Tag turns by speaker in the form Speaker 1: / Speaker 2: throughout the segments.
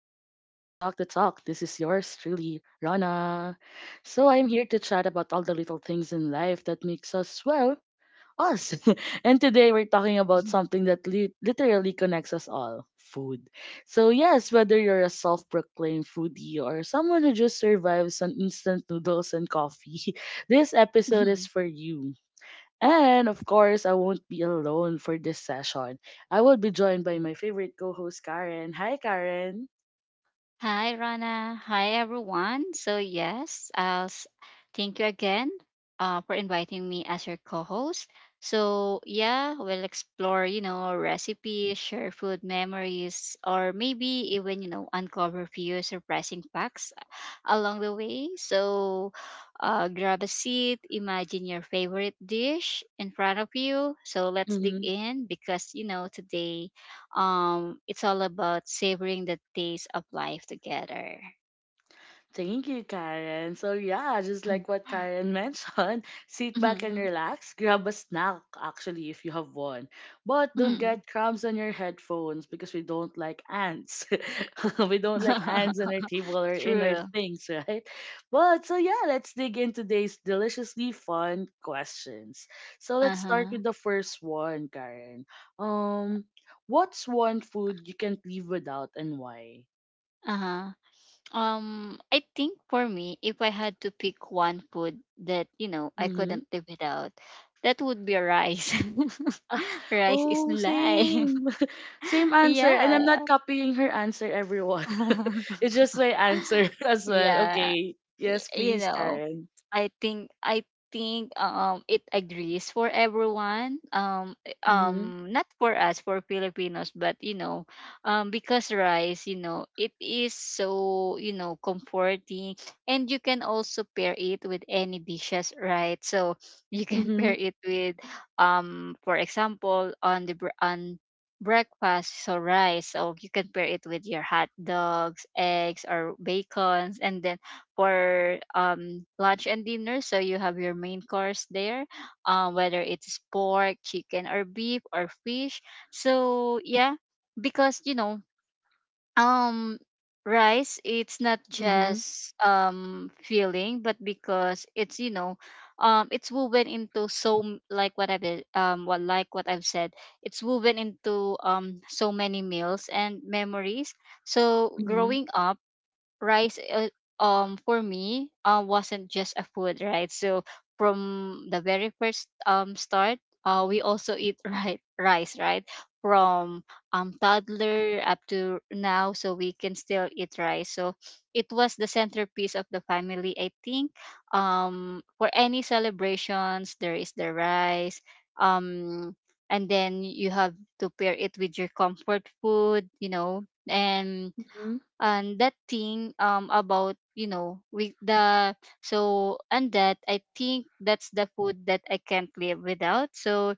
Speaker 1: This is yours truly, Rana. So I am here to chat about all the little things in life that makes us well, us. And today we're talking about something literally connects us all, food. So yes, whether you're a self-proclaimed foodie or someone who just survives on instant noodles and coffee, this episode is
Speaker 2: Mhm.
Speaker 1: for you. And of course, I won't be alone for this session. I will be joined by my favorite co host, Karen. Hi, Karen.
Speaker 2: Hi, Rana. Hi, everyone. So, yes, thank you again for inviting me as your co host. So, yeah, we'll explore, recipes, share food memories, or maybe even, uncover few surprising facts along the way. So grab a seat, imagine your favorite dish in front of you. So let's dig in because, today it's all about savoring the taste of life together.
Speaker 1: Thank you, Karen. So yeah, just like what Karen mentioned, sit back and
Speaker 2: Mhm.
Speaker 1: relax. Grab a snack, actually, if you have one. But don't
Speaker 2: Mhm.
Speaker 1: get crumbs on your headphones because we don't like ants. We don't like ants on our table or in our
Speaker 2: True.
Speaker 1: things, right? But so yeah, let's dig into today's deliciously fun questions. So let's start
Speaker 2: Uh-huh.
Speaker 1: with the first one, Karen. Um, what's one food you can't live without and why?
Speaker 2: Uh-huh. I think for me, if I had to pick one food that, I
Speaker 1: Mm-hmm.
Speaker 2: couldn't live without, that would be rice.
Speaker 1: Ah.
Speaker 2: Rice is
Speaker 1: Oh,
Speaker 2: life.
Speaker 1: same. Same answer. And
Speaker 2: Yeah.
Speaker 1: I'm not copying her answer, everyone. It's just my answer as well.
Speaker 2: Yeah.
Speaker 1: Okay. Yes,
Speaker 2: You
Speaker 1: please,
Speaker 2: know,
Speaker 1: Karen.
Speaker 2: I think it agrees for everyone,
Speaker 1: Mm-hmm.
Speaker 2: not for us, for Filipinos, but you know, because rice, you know, it is so, you know, comforting, and you can also pair it with any dishes, right? So you can pair
Speaker 1: Mm-hmm.
Speaker 2: it with, for example, on breakfast. So rice, so you can pair it with your hot dogs, eggs, or bacons, and then for lunch and dinner, so you have your main course there, whether it's pork, chicken, or beef, or fish. So yeah, because you know, um rice, it's not
Speaker 1: Mm-hmm.
Speaker 2: just filling, but because it's, you know, it's woven into so like what I've, what, like what I've said, it's woven into so many meals and memories. So
Speaker 1: Mm-hmm.
Speaker 2: growing up, rice, for me, wasn't just a food, right? So from the very first start, we also eat, right, rice, right? From toddler up to now, so we can still eat rice. So it was the centerpiece of the family, I think. For any celebrations, there is the rice, um and then you have to pair it with your comfort food, you know. and
Speaker 1: Mm-hmm.
Speaker 2: and that thing, about, you know, with the, so, and that, I think that's the food that I can't live without. So,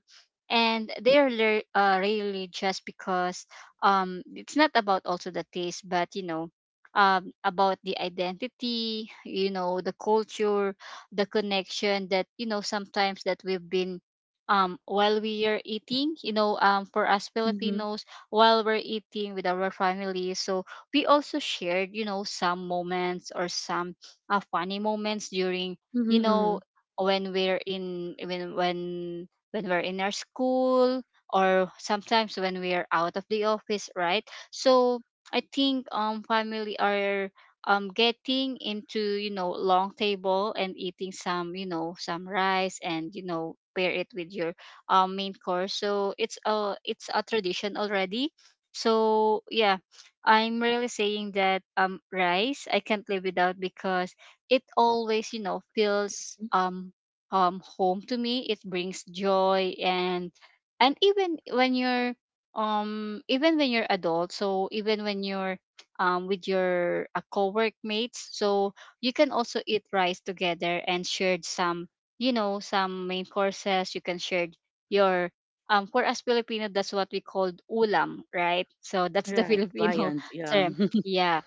Speaker 2: and they're really, just because, it's not about also the taste, but you know, about the identity, you know, the culture, the connection, that you know, sometimes that we've been, while we are eating, you know, for us Filipinos, while we're eating with our family. So we also shared, you know, some moments, or some funny moments during, you
Speaker 1: Mm-hmm.
Speaker 2: know, when we're in, when we're in our school, or sometimes when we're out of the office, right? So I think, family are, getting into, you know, long table and eating some, you know, some rice, and you know, pair it with your main course. So it's a, it's a tradition already. So yeah, I'm really saying that rice I can't live without, because it always, you know, feels,
Speaker 1: Mm-hmm.
Speaker 2: home to me. It brings joy, and even when you're, even when you're adult, so even when you're, with your co work mates, so you can also eat rice together, and share some, you know, some main courses. You can share your, for us Filipino, that's what we called ulam, right? So that's the
Speaker 1: Right.
Speaker 2: Filipino
Speaker 1: Viant. Yeah.
Speaker 2: term. Yeah.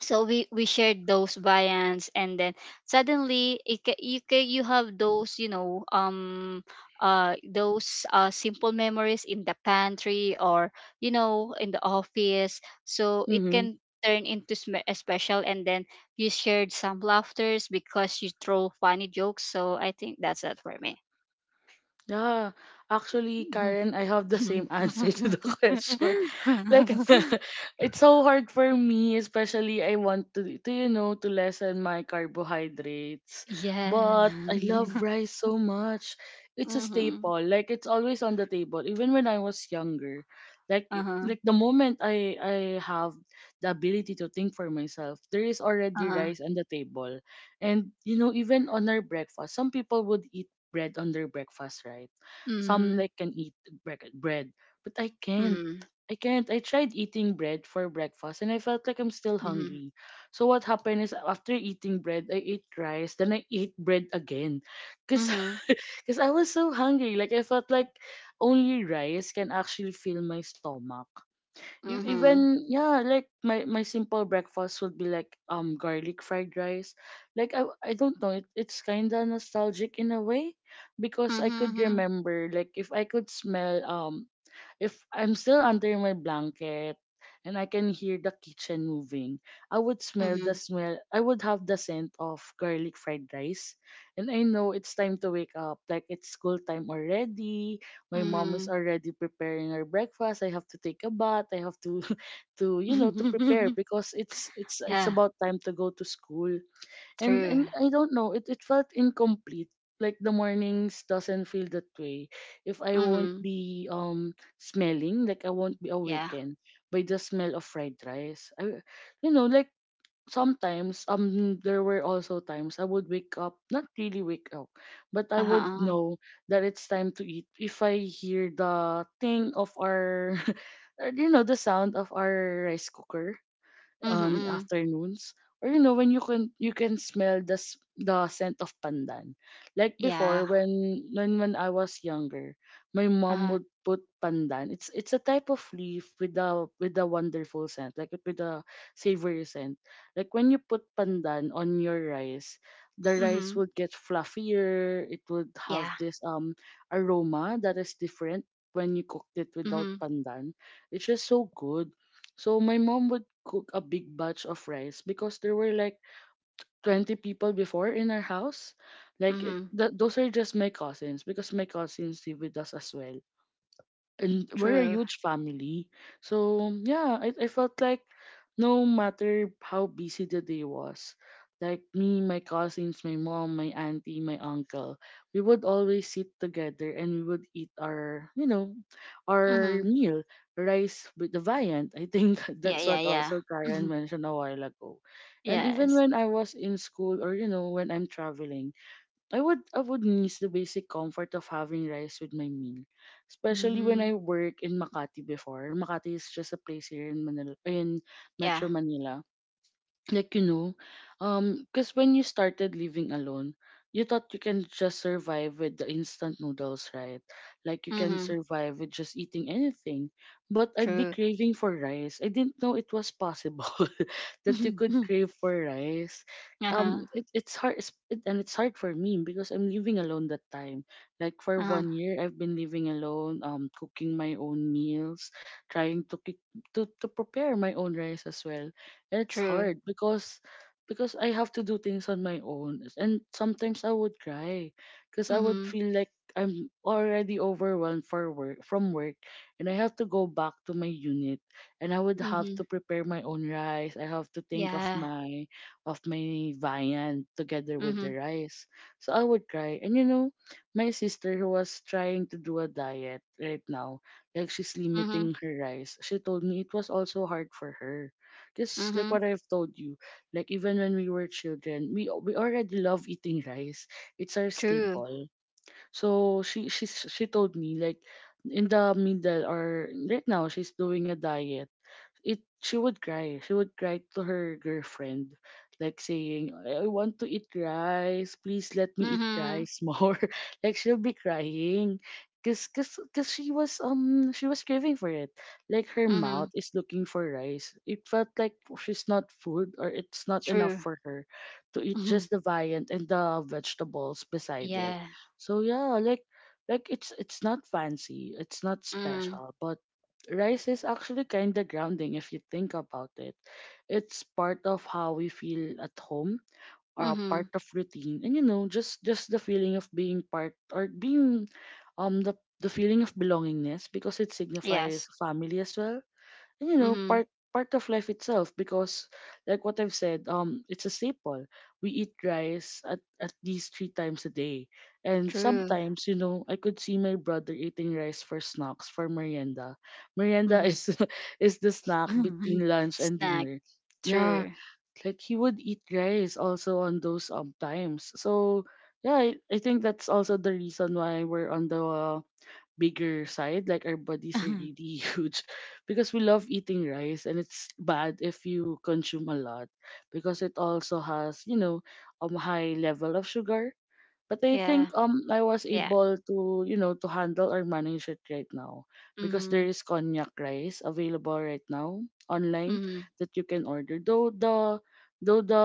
Speaker 2: So we shared those viands, and then suddenly it ca- you have those, you know, those simple memories in the pantry, or you know, in the office. So it
Speaker 1: Mm-hmm.
Speaker 2: can turn into a special, and then you shared some laughters because you throw funny jokes. So I think that's it for me.
Speaker 1: Yeah, actually, Karen, I have the same answer to the question. Like, it's so hard for me, especially I want to you know, to lessen my carbohydrates.
Speaker 2: Yeah.
Speaker 1: But I love rice so much. It's a
Speaker 2: Mm-hmm.
Speaker 1: staple. Like, it's always on the table, even when I was younger. Like,
Speaker 2: Uh-huh.
Speaker 1: like the moment I have the ability to think for myself, there is already
Speaker 2: Uh-huh.
Speaker 1: rice on the table, and you know, even on our breakfast, some people would eat bread on their breakfast, right? Some
Speaker 2: Mhm.
Speaker 1: like can eat bread, but I can't.
Speaker 2: Mhm.
Speaker 1: I can't. I tried eating bread for breakfast and I felt like I'm still
Speaker 2: Mhm.
Speaker 1: hungry. So what happened is after eating bread, I ate rice, then I ate bread again. Cause,
Speaker 2: Mhm.
Speaker 1: cause I was so hungry. Like I felt like only rice can actually fill my stomach. You
Speaker 2: Mhm.
Speaker 1: even yeah, like my simple breakfast would be like garlic fried rice. Like I don't know, it's kind of nostalgic in a way because I could
Speaker 2: Mhm.
Speaker 1: remember like if I could smell if I'm still under my blanket and I can hear the kitchen moving, I would
Speaker 2: Mhm.
Speaker 1: smell the
Speaker 2: Mhm.
Speaker 1: smell. I would have the scent of garlic fried rice. And I know it's time to wake up. Like it's school time already. My mom is
Speaker 2: Mhm.
Speaker 1: already preparing her breakfast. I have to take a bath. I have to to you know to prepare because it's
Speaker 2: Yeah,
Speaker 1: about time to go to school. and
Speaker 2: true.
Speaker 1: and I don't know, it felt incomplete, like the mornings doesn't feel that way if I won't
Speaker 2: Mhm.
Speaker 1: be smelling, like I won't be
Speaker 2: Yeah.
Speaker 1: awakened by the smell of fried rice. I, you know, like sometimes there were also times I would wake up, not really wake up, but I would
Speaker 2: Uh-huh.
Speaker 1: know that it's time to eat if I hear the thing of our you know, the sound of our rice cooker
Speaker 2: Mhm.
Speaker 1: on
Speaker 2: Mhm.
Speaker 1: afternoons, or you know, when you can smell the scent of pandan. Like before,
Speaker 2: Yeah.
Speaker 1: when when I was younger, my mom
Speaker 2: Uh.
Speaker 1: would put pandan. It's a type of leaf with a wonderful scent, like with a savory scent. Like when you put pandan on your rice, the rice
Speaker 2: Mhm.
Speaker 1: would get fluffier. It would have
Speaker 2: Yeah.
Speaker 1: this aroma that is different when you cooked it without
Speaker 2: Mhm.
Speaker 1: pandan. It's just so good. So my mom would cook a big batch of rice because there were like 20 people before in our house. Like
Speaker 2: Mhm.
Speaker 1: those are just my cousins, because my cousins live with us as well, and we're a
Speaker 2: True.
Speaker 1: huge family. So yeah, I felt like no matter how busy the day was, like me, my cousins, my mom, my auntie, my uncle, we would always sit together and we would eat our, you know, our
Speaker 2: Mhm.
Speaker 1: meal, rice with the viand. I think
Speaker 2: Yeah,
Speaker 1: that's
Speaker 2: yeah,
Speaker 1: what
Speaker 2: yeah.
Speaker 1: also Karen
Speaker 2: Mhm.
Speaker 1: mentioned a while ago. And even
Speaker 2: Yes.
Speaker 1: when I was in school or, you know, when I'm traveling, I would miss the basic comfort of having rice with my meal, especially when
Speaker 2: Mhm.
Speaker 1: I work in Makati before. Makati is just a place here in Manila, in
Speaker 2: Yeah.
Speaker 1: Metro Manila. Like, you know, because when you started living alone, you thought you can just survive with the instant noodles, right? Like you can
Speaker 2: Mhm.
Speaker 1: survive with just eating anything, but I'd be
Speaker 2: True.
Speaker 1: craving for rice. I didn't know it was possible that you could
Speaker 2: Mhm.
Speaker 1: crave for rice.
Speaker 2: Uh-huh.
Speaker 1: It, and it's hard for me because I'm living alone that time. Like for
Speaker 2: Uh-huh.
Speaker 1: 1 year I've been living alone, cooking my own meals, trying to prepare my own rice as well, and it's
Speaker 2: True.
Speaker 1: hard because I have to do things on my own, and sometimes I would cry because I would
Speaker 2: Mhm.
Speaker 1: feel like I'm already overwhelmed for work from work, and I have to go back to my unit, and I would have to
Speaker 2: Mhm.
Speaker 1: prepare my own rice. I have to think
Speaker 2: Yeah.
Speaker 1: of my viand together with
Speaker 2: Mhm.
Speaker 1: the rice. So I would cry, and you know, my sister, who was trying to do a diet right now, like she's
Speaker 2: Mhm.
Speaker 1: limiting her rice, she told me it was also hard for her, just like
Speaker 2: Mhm.
Speaker 1: what I've told you. Like even when we were children, we already love eating rice. It's our
Speaker 2: True.
Speaker 1: staple. So she told me like, in the middle, or right now she's doing a diet, it she would cry. She would cry to her girlfriend, like saying, I want to eat rice. Please let me eat
Speaker 2: Mhm.
Speaker 1: rice more. Like she'll be crying. Cause she was craving for it. Like her
Speaker 2: Mhm.
Speaker 1: mouth is looking for rice. It felt like she's not food, or it's not enough
Speaker 2: True.
Speaker 1: for her to eat
Speaker 2: Mhm.
Speaker 1: just the viand and the vegetables beside it.
Speaker 2: Yeah.
Speaker 1: So yeah, like it's not fancy, it's not
Speaker 2: Mhm.
Speaker 1: special, but rice is actually kind of grounding if you think about it. It's part of how we feel at home, part
Speaker 2: Mhm.
Speaker 1: of routine, and you know, just the feeling of being part, or being um the the feeling of belongingness, because it
Speaker 2: Yes.
Speaker 1: signifies family as well, you know,
Speaker 2: Mhm.
Speaker 1: part, part of life itself, because like what I've said, it's a staple. We eat rice at least three times a day, and
Speaker 2: True.
Speaker 1: sometimes, you know, I could see my brother eating rice for snacks, for merienda. Merienda
Speaker 2: Mhm.
Speaker 1: is is the snack between lunch and
Speaker 2: Snack.
Speaker 1: dinner. Yeah,
Speaker 2: True.
Speaker 1: like he would eat rice also on those times. So yeah, I think that's also the reason why we're on the bigger side, like our bodies are really huge because we love eating rice, and it's bad if you consume a lot, because it also has you know high level of sugar. But I
Speaker 2: Yeah.
Speaker 1: think I was
Speaker 2: Yeah.
Speaker 1: able to, you know, to handle or manage it right now, because there
Speaker 2: Mhm.
Speaker 1: is cognac rice available right now online
Speaker 2: Mhm.
Speaker 1: that you can order. Though the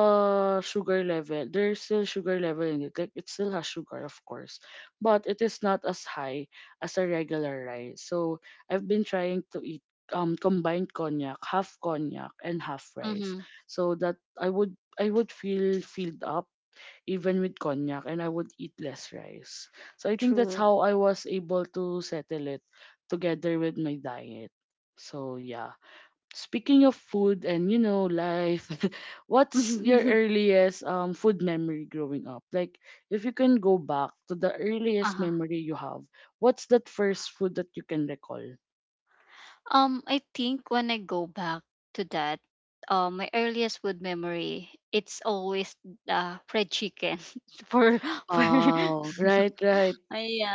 Speaker 1: sugar level, there's still sugar level in it. Like it still has sugar, of course, but it is not as high as a regular rice. So I've been trying to eat combined cognac, half cognac and half rice,
Speaker 2: Mhm.
Speaker 1: so that I would feel filled up even with cognac, and I would eat less rice. So I think that's
Speaker 2: True.
Speaker 1: how I was able to settle it together with my diet. So yeah. Speaking of food and you know life, what's your earliest food memory growing up? Like if you can go back to the earliest
Speaker 2: Uh-huh.
Speaker 1: memory you have, what's that first food that you can recall?
Speaker 2: I think when I go back to that, my earliest food memory, it's always fried chicken, for for
Speaker 1: Oh, right,
Speaker 2: yeah,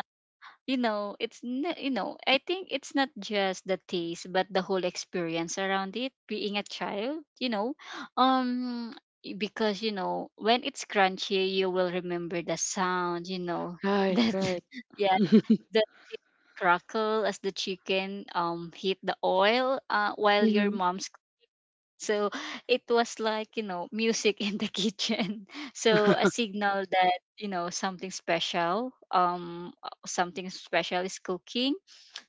Speaker 2: you know, it's not, you know, I think it's not just the taste, but the whole experience around it, being a child, you know. um because, you know, when it's crunchy, you will remember the sound, you know. That,
Speaker 1: right.
Speaker 2: yeah, the crackle as the chicken hit the oil, while your
Speaker 1: Mhm.
Speaker 2: mom's. So it was, like, you know, music in the kitchen. So a signal that, you know, something special is cooking.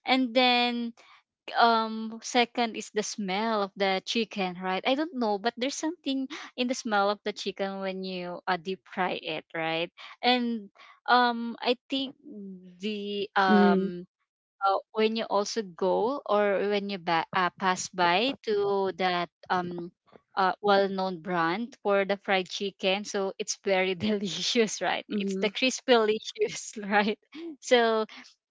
Speaker 2: And then, second is the smell of the chicken, right? I don't know, but there's something in the smell of the chicken when you deep fry it, right? And, I think the,
Speaker 1: Mhm.
Speaker 2: when you also go, or when you pass by to that, well-known brand for the fried chicken, so it's very delicious, right? It's the
Speaker 1: Mhm.
Speaker 2: crispy delicious, right? So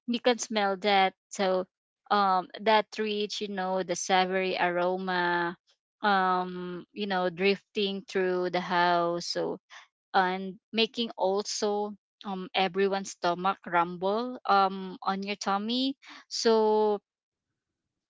Speaker 2: you can smell that. So, that rich, you know, the savory aroma, you know, drifting through the house, so, and making also, everyone's stomach rumble, on your tummy. So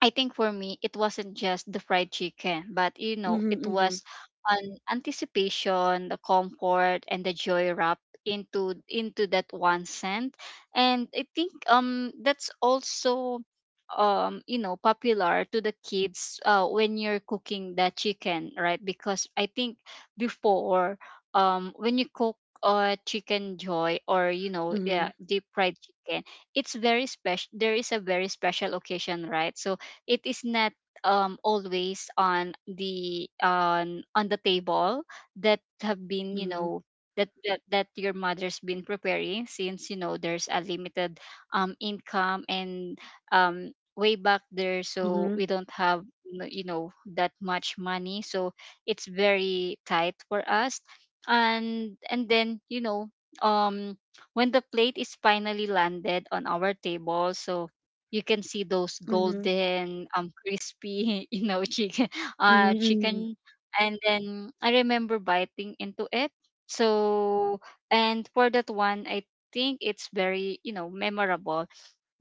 Speaker 2: I think for me, it wasn't just the fried chicken, but you know,
Speaker 1: Mhm.
Speaker 2: it
Speaker 1: Mhm.
Speaker 2: was an anticipation, the comfort, and the joy wrapped into that one scent. And I think that's also, you know, popular to the kids, when you're cooking the chicken, right? Because I think before, when you cook chicken joy, or you know,
Speaker 1: Mhm. Mhm.
Speaker 2: yeah, deep fried chicken, it's very special, there is a very special occasion, right? So it is not always on the, on the table, that have been, you know, that your mother's been preparing, since, you know, there's a limited income, and, um way back there, so
Speaker 1: Mhm,
Speaker 2: we don't have you know, that much money. So it's very tight for us. And then, you know, um when the plate is finally landed on our table, so you can see those
Speaker 1: mhm,
Speaker 2: golden crispy you know, chicken, uh
Speaker 1: mhm,
Speaker 2: chicken and then I remember biting into it. So, and for that one, I think it's very, you know, memorable,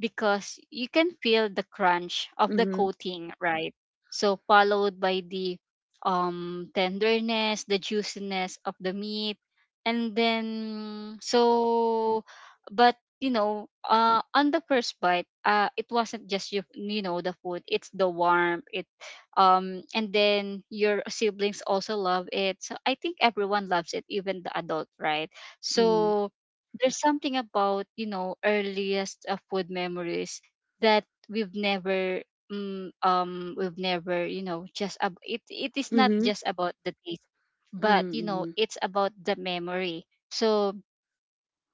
Speaker 2: because you can feel the crunch of the
Speaker 1: mhm,
Speaker 2: coating, right? So followed by the, tenderness, the juiciness of the meat, and then, so, but you know, on the first bite, it wasn't just you, you know, the food. It's the warmth. It, and then your siblings also love it. So I think everyone loves it, even the adult, right?
Speaker 1: mhm,
Speaker 2: So there's something about, you know, earliest food memories that we've never you know, just it is not
Speaker 1: mhm,
Speaker 2: just about the taste, but
Speaker 1: mhm,
Speaker 2: you know,
Speaker 1: mhm.
Speaker 2: it's about the memory. So,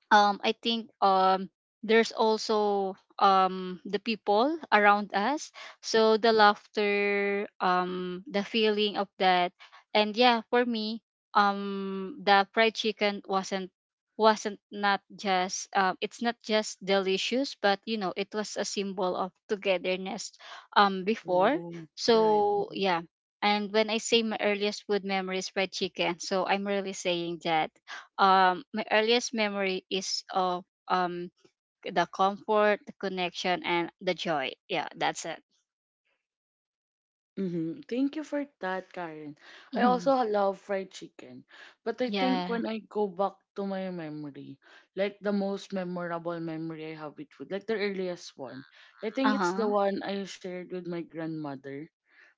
Speaker 2: I think, there's also, the people around us, so the laughter, the feeling of that. And yeah, for me, the fried chicken wasn't not just, it's not just delicious, but you know, it was a symbol of togetherness, before.
Speaker 1: Oh, right.
Speaker 2: So
Speaker 1: Mhm.
Speaker 2: yeah, and when I say my earliest food memories fried chicken, so I'm really saying that my earliest memory is of, the comfort, the connection, and the joy. Yeah, that's it.
Speaker 1: Mhm. Thank you for that, Karen. I
Speaker 2: Hmm.
Speaker 1: also love fried chicken, but I
Speaker 2: Yeah.
Speaker 1: think when I go back to my memory, like the most memorable memory I have with food, like the earliest one, I think it's the
Speaker 2: Uh-huh.
Speaker 1: one I shared with my grandmother.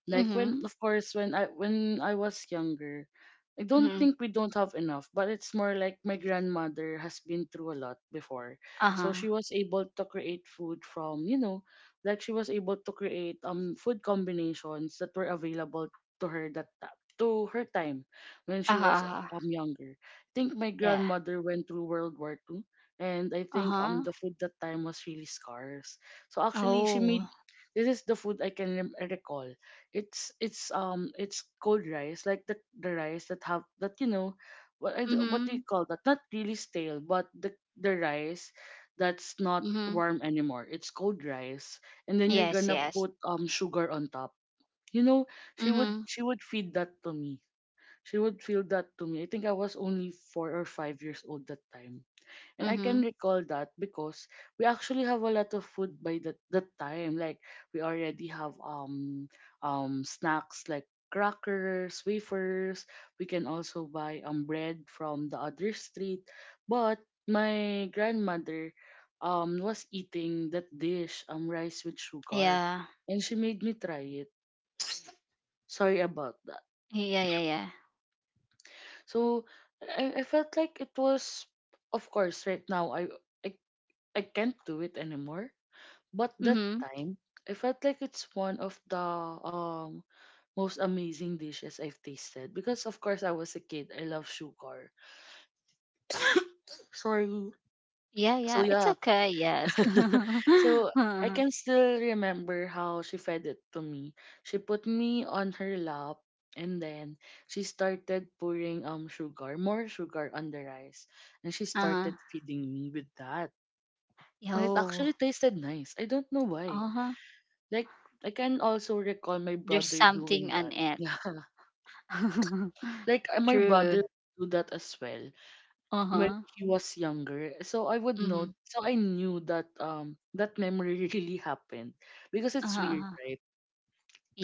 Speaker 1: Like
Speaker 2: Hmm.
Speaker 1: when, of course, when I was younger, I don't
Speaker 2: Hmm.
Speaker 1: think we don't have enough, but it's more like my grandmother has been through a lot before, so
Speaker 2: Uh-huh.
Speaker 1: she was able to create food from you know, like she was able to create food combinations that were available to her, to her time when she
Speaker 2: Uh-huh.
Speaker 1: was
Speaker 2: Uh-huh.
Speaker 1: younger. I think my
Speaker 2: Yeah.
Speaker 1: grandmother went through World War Two, and I think
Speaker 2: Uh-huh.
Speaker 1: the food that time was really scarce. So actually, she
Speaker 2: Oh.
Speaker 1: made this is the food I can recall. It's cold rice, like the rice that have that you know what I, d- what do
Speaker 2: Mm-hmm.
Speaker 1: you call that, not really stale but the rice that's not
Speaker 2: Mm-hmm.
Speaker 1: warm anymore. It's cold rice, and then you're
Speaker 2: Yes,
Speaker 1: gonna
Speaker 2: yes.
Speaker 1: put sugar on top, you know. she would
Speaker 2: Mm-hmm.
Speaker 1: she would feed that to me. She would feed that to me. I think I was only 4 or 5 years old that time, and I can
Speaker 2: Mm-hmm.
Speaker 1: recall that because we actually have a lot of food by that time. Like we already have snacks, like crackers, wafers. We can also buy bread from the other street. But my grandmother was eating that dish, rice with sugar,
Speaker 2: Yeah,
Speaker 1: and she made me try it. Sorry about that.
Speaker 2: yeah, yeah. Yeah.
Speaker 1: So I felt like it was, of course, right now I, I can't do it anymore. But that
Speaker 2: Mm-hmm.
Speaker 1: time, I felt like it's one of the um most amazing dishes I've tasted, because of course I was a kid. I love sugar. Sorry.
Speaker 2: Yeah,
Speaker 1: So
Speaker 2: yeah, it's
Speaker 1: yeah.
Speaker 2: okay, yes.
Speaker 1: So I
Speaker 2: Uh-huh.
Speaker 1: can still remember how she fed it to me. She put me on her lap, and then she started pouring sugar, more sugar on the rice. And she
Speaker 2: Uh-huh.
Speaker 1: started feeding me with that. And it
Speaker 2: Yo.
Speaker 1: actually tasted nice. I don't know why.
Speaker 2: Uh-huh.
Speaker 1: Like I can also recall my
Speaker 2: There's
Speaker 1: brother doing
Speaker 2: something
Speaker 1: that.
Speaker 2: on it.
Speaker 1: Yeah. Like my
Speaker 2: True.
Speaker 1: brother do that as well when
Speaker 2: Uh-huh.
Speaker 1: he was younger. So I would know.
Speaker 2: Mm-hmm.
Speaker 1: So I knew that that memory really happened, because it's
Speaker 2: Uh-huh.
Speaker 1: weird,
Speaker 2: Uh-huh.
Speaker 1: right?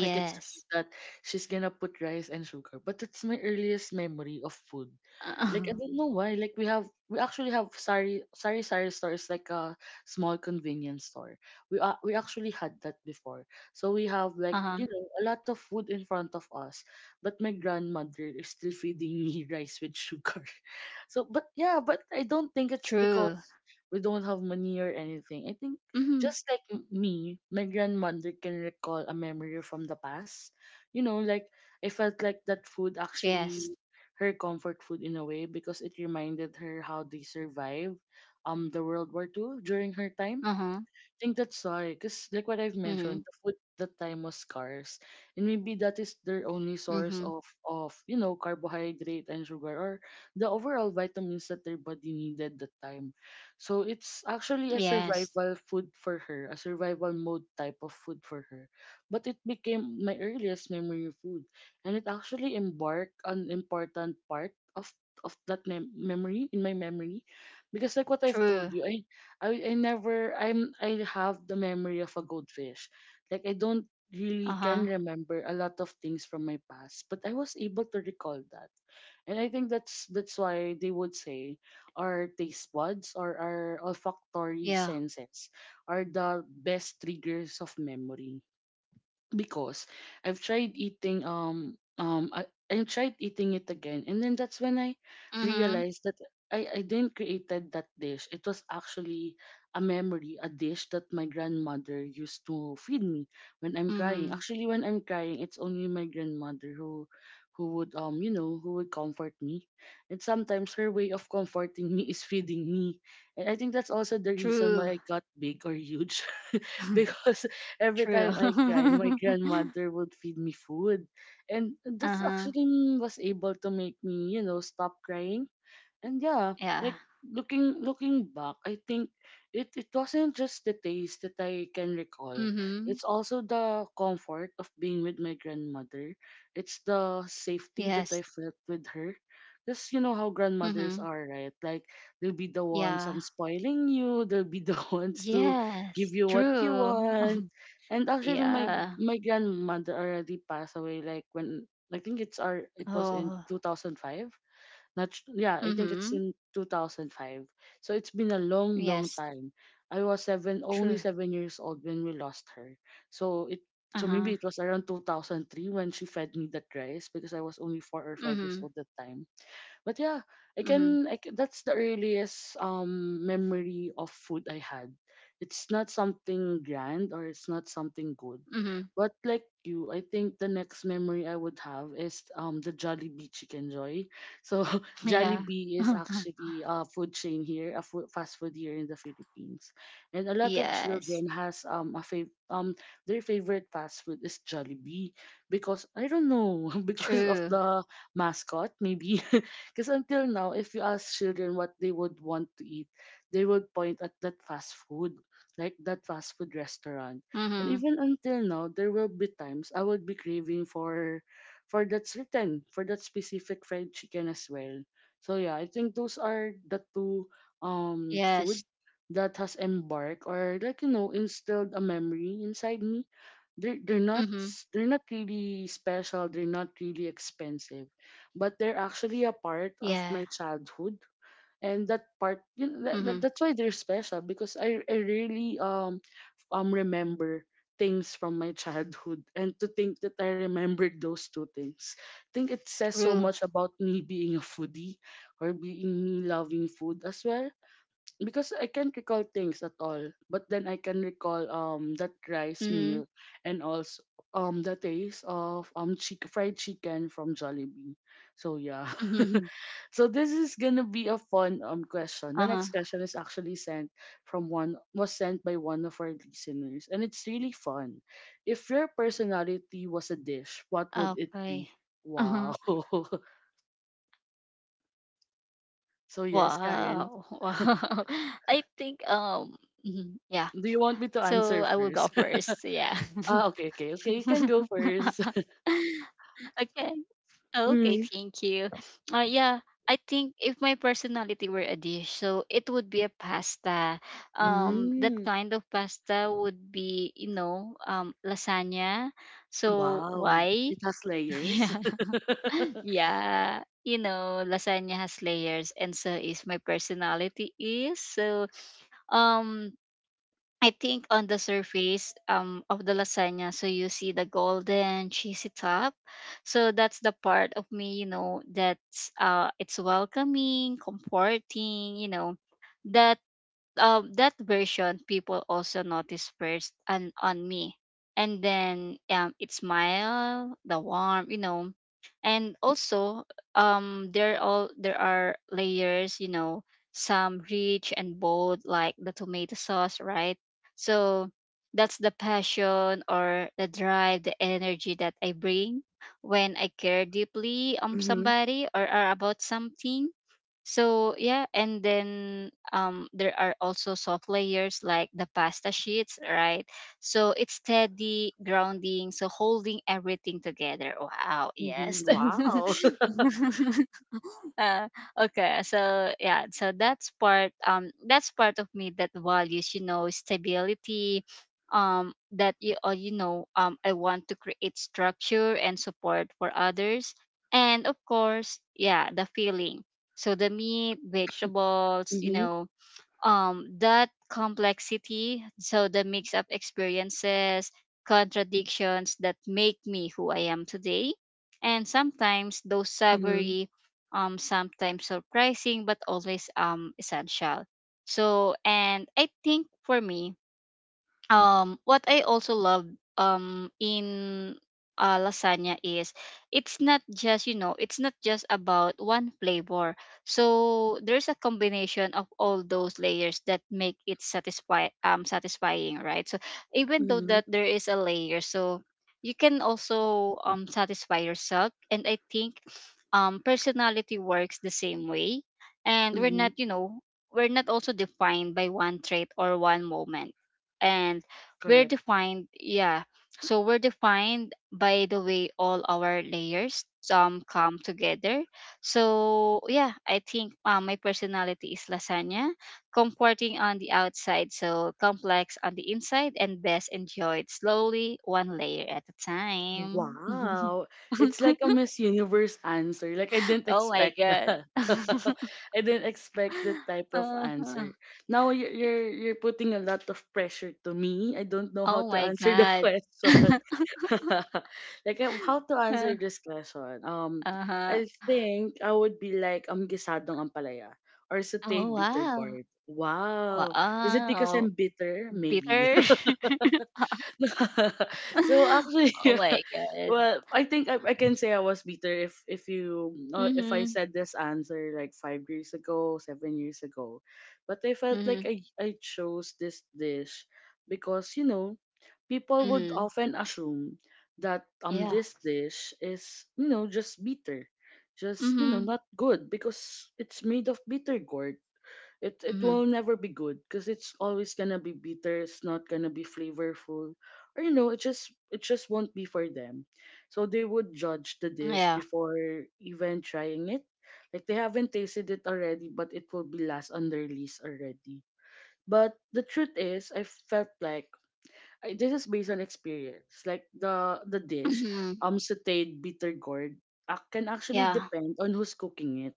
Speaker 1: Like it's that she's gonna put rice and sugar, but that's my earliest memory of food. Like I
Speaker 2: Uh-huh.
Speaker 1: don't know why. Like we actually have sari sari stores, like a small convenience store. We actually had that before, so we have,
Speaker 2: Uh-huh.
Speaker 1: like, you know, a lot of food in front of us, but my grandmother is still feeding me rice with sugar. So but yeah, but I don't think it's because
Speaker 2: True.
Speaker 1: we don't have money or anything. I think
Speaker 2: Mm-hmm.
Speaker 1: just like me, my grandmother can recall a memory from the past. You know, like I felt like that food actually
Speaker 2: Yes.
Speaker 1: her comfort food in a way, because it reminded her how they survived the World War Two during her time.
Speaker 2: Uh-huh.
Speaker 1: Think that's why, because like what I've mentioned, the
Speaker 2: Mm-hmm.
Speaker 1: food that time was scarce, and maybe that is their only source of
Speaker 2: Mm-hmm.
Speaker 1: you know, carbohydrate and sugar, or the overall vitamins that their body needed that time. So it's actually a survival
Speaker 2: Yes.
Speaker 1: food for her, a survival mode type of food for her. But it became my earliest memory food, and it actually embarked an important part of memory in my memory, because like what I've told you,
Speaker 2: True.
Speaker 1: I never I'm I have the memory of a goldfish. Like I don't really can
Speaker 2: Uh-huh.
Speaker 1: remember a lot of things from my past, but I was able to recall that. And I think that's why they would say our taste buds or our olfactory
Speaker 2: Yeah.
Speaker 1: senses are the best triggers of memory, because I've tried eating I tried eating it again, and then that's when I realized
Speaker 2: Mm-hmm.
Speaker 1: that I didn't created that dish. It was actually a memory, a dish that my grandmother used to feed me when I'm crying. Actually,
Speaker 2: Mm-hmm.
Speaker 1: when I'm crying, it's only my grandmother who would you know, who would comfort me. And sometimes her way of comforting me is feeding me. And I think that's also the
Speaker 2: True.
Speaker 1: reason why I got big or huge because every
Speaker 2: True.
Speaker 1: time I cry, my grandmother would feed me food. And that's
Speaker 2: Uh-huh.
Speaker 1: actually was able to make me, you know, stop crying. And yeah, like
Speaker 2: Yeah.
Speaker 1: looking back, I think it wasn't just the taste that I can recall. It's
Speaker 2: Mm-hmm.
Speaker 1: also the comfort of being with my grandmother. It's the safety that
Speaker 2: Yes.
Speaker 1: I felt with her. Cause you know how grandmothers
Speaker 2: Mm-hmm.
Speaker 1: are, right? Like they'll be the ones
Speaker 2: Yeah.
Speaker 1: spoiling you. They'll be the ones to give
Speaker 2: Yes.
Speaker 1: you what you
Speaker 2: True.
Speaker 1: want. And actually,
Speaker 2: Yeah.
Speaker 1: my grandmother already passed away. Like when I think it was in
Speaker 2: Oh.
Speaker 1: 2005. Not s- Yeah, I think
Speaker 2: Mm-hmm.
Speaker 1: it's in 2005. So it's been a long, long
Speaker 2: Yes.
Speaker 1: time. I was seven,
Speaker 2: True.
Speaker 1: only 7 years old when we lost her. So it so
Speaker 2: Uh-huh.
Speaker 1: maybe it was around 2003 when she fed me that rice, because I was only 4 or 5 years
Speaker 2: Mhm.
Speaker 1: old that time. But yeah,
Speaker 2: Mhm.
Speaker 1: I can, that's the earliest memory of food I had. It's not something grand, or it's not something good.
Speaker 2: Mhm.
Speaker 1: But like you, I think the next memory I would have is the Jollibee Chicken Joy. So
Speaker 2: Yeah.
Speaker 1: Jollibee is actually a food chain here, a food, fast food here in the Philippines, and a lot of
Speaker 2: Yes.
Speaker 1: children has their favorite fast food is Jollibee, because I don't know
Speaker 2: True.
Speaker 1: because of the mascot maybe. Because until now, if you ask children what they would want to eat, they would point at that fast food, like that fast food restaurant.
Speaker 2: Mhm.
Speaker 1: And even until now, there will be times I would be craving for that certain, for that specific fried chicken as well. So yeah, I think those are the two
Speaker 2: Yes.
Speaker 1: food that has embarked, or like you know, instilled a memory inside me. they're they're not
Speaker 2: Mhm.
Speaker 1: s- they're not really special. They're not really expensive, but they're actually a part
Speaker 2: Yeah.
Speaker 1: of my childhood. And that part, you know,
Speaker 2: Mhm.
Speaker 1: that's why they're special, because I really remember things from my childhood. And to think that I remembered those two things, I think it says so
Speaker 2: True.
Speaker 1: much about me being a foodie, or being loving food as well, because I can't recall things at all, but then I
Speaker 2: Mhm.
Speaker 1: can recall that rice meal, and also the taste of fried chicken from
Speaker 2: Mhm.
Speaker 1: Jollibee. So yeah. So this is gonna
Speaker 2: Uh-huh.
Speaker 1: be a fun question. The next question is actually sent from one was sent by one of our listeners, and it's really fun. If your personality was a
Speaker 2: Okay.
Speaker 1: dish, what would
Speaker 2: Uh-huh.
Speaker 1: it be? Wow.
Speaker 2: Wow.
Speaker 1: So yes,
Speaker 2: Wow.
Speaker 1: Karen.
Speaker 2: I think, mhm, yeah.
Speaker 1: Do
Speaker 2: So
Speaker 1: you
Speaker 2: I
Speaker 1: want
Speaker 2: will
Speaker 1: me
Speaker 2: go
Speaker 1: to answer
Speaker 2: first. Yeah.
Speaker 1: first? Ah, okay, okay, okay. You can go first.
Speaker 2: Okay. Okay, thank
Speaker 1: Mm.
Speaker 2: you. Yeah, I think if my personality were a dish, so it would be a pasta. That
Speaker 1: Mm,
Speaker 2: kind of pasta would be, you know, lasagna. So
Speaker 1: wow.
Speaker 2: why?
Speaker 1: It has layers.
Speaker 2: Yeah, yeah. You know, lasagna has layers, and so is my personality is. So, um, I think on the surface, of the lasagna, so you see the golden cheesy top. So that's the part of me, you know, that's it's welcoming, comforting, you know, that that version people also notice first and on me. And then it smile the warm, you know, and also, there are layers, you know, some rich and bold, like the tomato sauce, right? So that's the passion, or the drive, the energy that I bring when I care deeply
Speaker 1: Mm-hmm,
Speaker 2: somebody, or about something. So yeah, and then, there are also soft layers, like the pasta sheets, right? So it's steady grounding, so holding everything together. Wow, yes.
Speaker 1: mm-hmm. Wow.
Speaker 2: uh, okay so yeah, so that's part of me that values, you know, stability, that you you know I want to create structure and support for others, and of course, yeah, the feeling. So the meat, vegetables, you
Speaker 1: Mm-hmm,
Speaker 2: know, that complexity, so the mix of experiences, contradictions that make me who I am today. And sometimes those
Speaker 1: mm-hmm,
Speaker 2: savory, sometimes surprising, but always essential. So, and I think for me, what I also love in lasagna is it's not just about one flavor. So there's a combination of all those layers that make it satisfying, right? So even though
Speaker 1: mm-hmm,
Speaker 2: that there is a layer, so you can also satisfy yourself. And I think personality works the same way, and we're
Speaker 1: mm-hmm.
Speaker 2: not you know we're not also defined by one trait or one moment, and we're
Speaker 1: Correct.
Speaker 2: defined yeah we're defined by the way all our layers come together. So yeah, I think, my personality is lasagna: comforting on the outside, so complex on the inside, and best enjoyed slowly, one layer at a time.
Speaker 1: Wow. It's like a Miss Universe answer. Like, I didn't
Speaker 2: Oh my
Speaker 1: expect
Speaker 2: God.
Speaker 1: that. I didn't expect that type of
Speaker 2: Uh-huh.
Speaker 1: answer. Now you're you're putting a lot of pressure to me. I don't know how
Speaker 2: Oh
Speaker 1: to
Speaker 2: my
Speaker 1: answer the
Speaker 2: God.
Speaker 1: question. Like how to answer this question? I
Speaker 2: Uh-huh.
Speaker 1: think I would be like gisadong ampalaya, or
Speaker 2: Oh,
Speaker 1: sauteed bitter
Speaker 2: wow.
Speaker 1: gourd. Wow, is it because
Speaker 2: Wow,
Speaker 1: I'm bitter? Maybe.
Speaker 2: bitter.
Speaker 1: So actually,
Speaker 2: Oh
Speaker 1: yeah,
Speaker 2: my God.
Speaker 1: well I think I can say I was bitter if you if I
Speaker 2: Mhm.
Speaker 1: said this answer like 5 years ago, 7 years ago. But I felt like
Speaker 2: Mhm.
Speaker 1: I chose this dish because, you know, people would
Speaker 2: Mhm.
Speaker 1: often assume that
Speaker 2: Yeah.
Speaker 1: this dish is, you know, just bitter, just you know,
Speaker 2: Mhm.
Speaker 1: not good, because it's made of bitter gourd. It
Speaker 2: Mhm.
Speaker 1: will never be good because it's always gonna be bitter. It's not gonna be flavorful, or you know, it just won't be for them. So they would judge the
Speaker 2: Yeah.
Speaker 1: dish before even trying it. Like they haven't tasted it already, but it will be last on their list already. But the truth is, I felt like this is based on experience. Like the dish,
Speaker 2: Mhm.
Speaker 1: sauteed bitter gourd, can actually
Speaker 2: Yeah.
Speaker 1: depend on who's cooking it.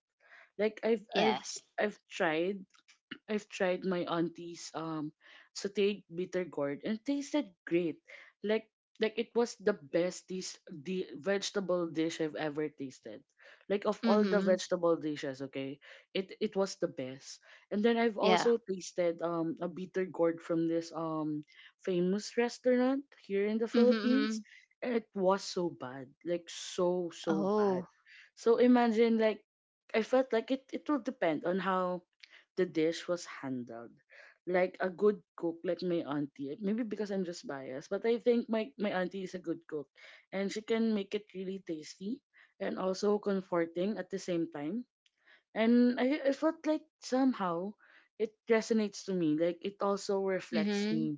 Speaker 1: Like
Speaker 2: Yes.
Speaker 1: I've tried I've tried my auntie's sauteed bitter gourd, and tasted great. Like like it was the best dish, the vegetable dish I've ever tasted. Like of all the
Speaker 2: Mhm.
Speaker 1: vegetable dishes, okay, it was the best. And then I've
Speaker 2: Yeah.
Speaker 1: also tasted a bitter gourd from this famous restaurant here in the
Speaker 2: Mhm.
Speaker 1: Philippines,
Speaker 2: Mhm.
Speaker 1: and it was so bad, like so so bad.
Speaker 2: Oh.
Speaker 1: So imagine, like I felt like it will depend on how the dish was handled. Like a good cook, like my auntie. Maybe because I'm just biased, but I think my auntie is a good cook. And she can make it really tasty, and also comforting at the same time. And I felt like somehow it resonates to me. Like it also reflects
Speaker 2: Mhm.
Speaker 1: me.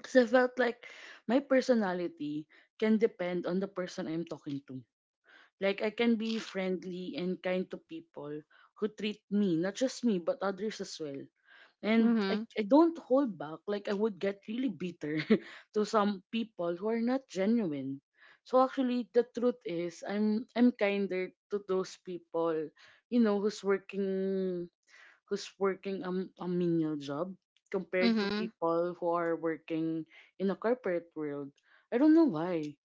Speaker 1: Because I felt like my personality can depend on the person I'm talking to. Like I can be friendly and kind to people who treat me, not just me, but others as well. And I,
Speaker 2: Mhm.
Speaker 1: I don't hold back. Like, I would get really bitter to some people who are not genuine. So actually, the truth is, I'm kinder to those people, who's working who's working a, a menial job compared to
Speaker 2: Mhm.
Speaker 1: people who are working in a corporate world. I don't know why.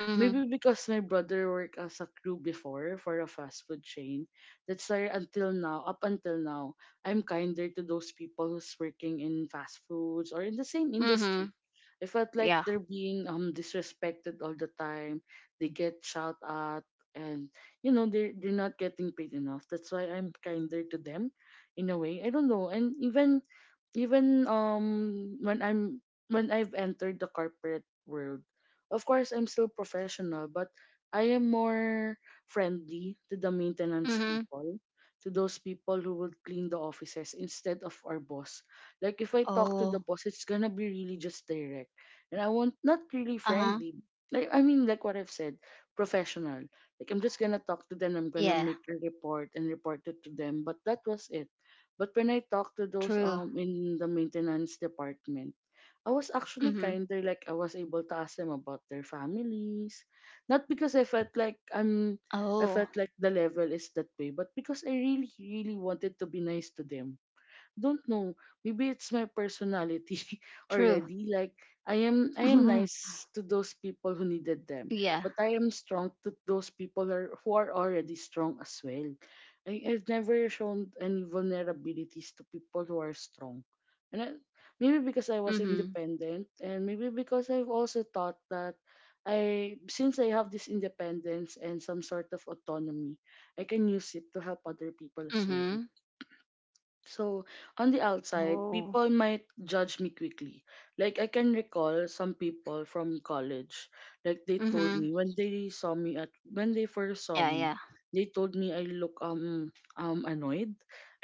Speaker 2: Mhm.
Speaker 1: Maybe because my brother worked as a crew before for a fast food chain. That's why until now, up until now, I'm kinder to those people who's working in fast foods or in the same
Speaker 2: Mhm.
Speaker 1: industry. I felt like
Speaker 2: Yeah.
Speaker 1: they're being disrespected all the time. They get shot at and they're not getting paid enough. That's why I'm kinder to them in a way. I don't know. And even when I've entered the corporate world, of course, I'm still professional, but I am more friendly to the maintenance
Speaker 2: Mhm.
Speaker 1: people, to those people who will clean the offices instead of our boss. Like if I talk to the
Speaker 2: Oh.
Speaker 1: boss, it's gonna be really just direct, and I want not really
Speaker 2: Uh-huh.
Speaker 1: friendly. Like I mean, like what I've said, professional. Like I'm just gonna talk to them. I'm
Speaker 2: Yeah.
Speaker 1: gonna make a report and report it to them. But that was it. But when I talk to
Speaker 2: True.
Speaker 1: those in the maintenance department I was actually
Speaker 2: Mhm.
Speaker 1: kinder, like I was able to ask them about their families. Not because I felt
Speaker 2: Oh.
Speaker 1: I felt like the level is that way, but because I really, really wanted to be nice to them don't know. Maybe it's my personality
Speaker 2: True.
Speaker 1: already. Like I am
Speaker 2: Mhm.
Speaker 1: I am nice to those people who needed
Speaker 2: Yeah.
Speaker 1: them, but I am strong to those who are already strong as well. I've never shown any vulnerabilities to people who are strong. And I, maybe because I
Speaker 2: Mhm.
Speaker 1: was independent and maybe because I've also thought that I since I have this independence and some sort of autonomy, I can use it to help other
Speaker 2: Mhm.
Speaker 1: people as well. So, on the
Speaker 2: Oh.
Speaker 1: outside, people might judge me quickly. Like, I can recall some people from
Speaker 2: Mhm.
Speaker 1: college, like, they told me
Speaker 2: Yeah, yeah.
Speaker 1: when they first saw me, they told me I look annoyed,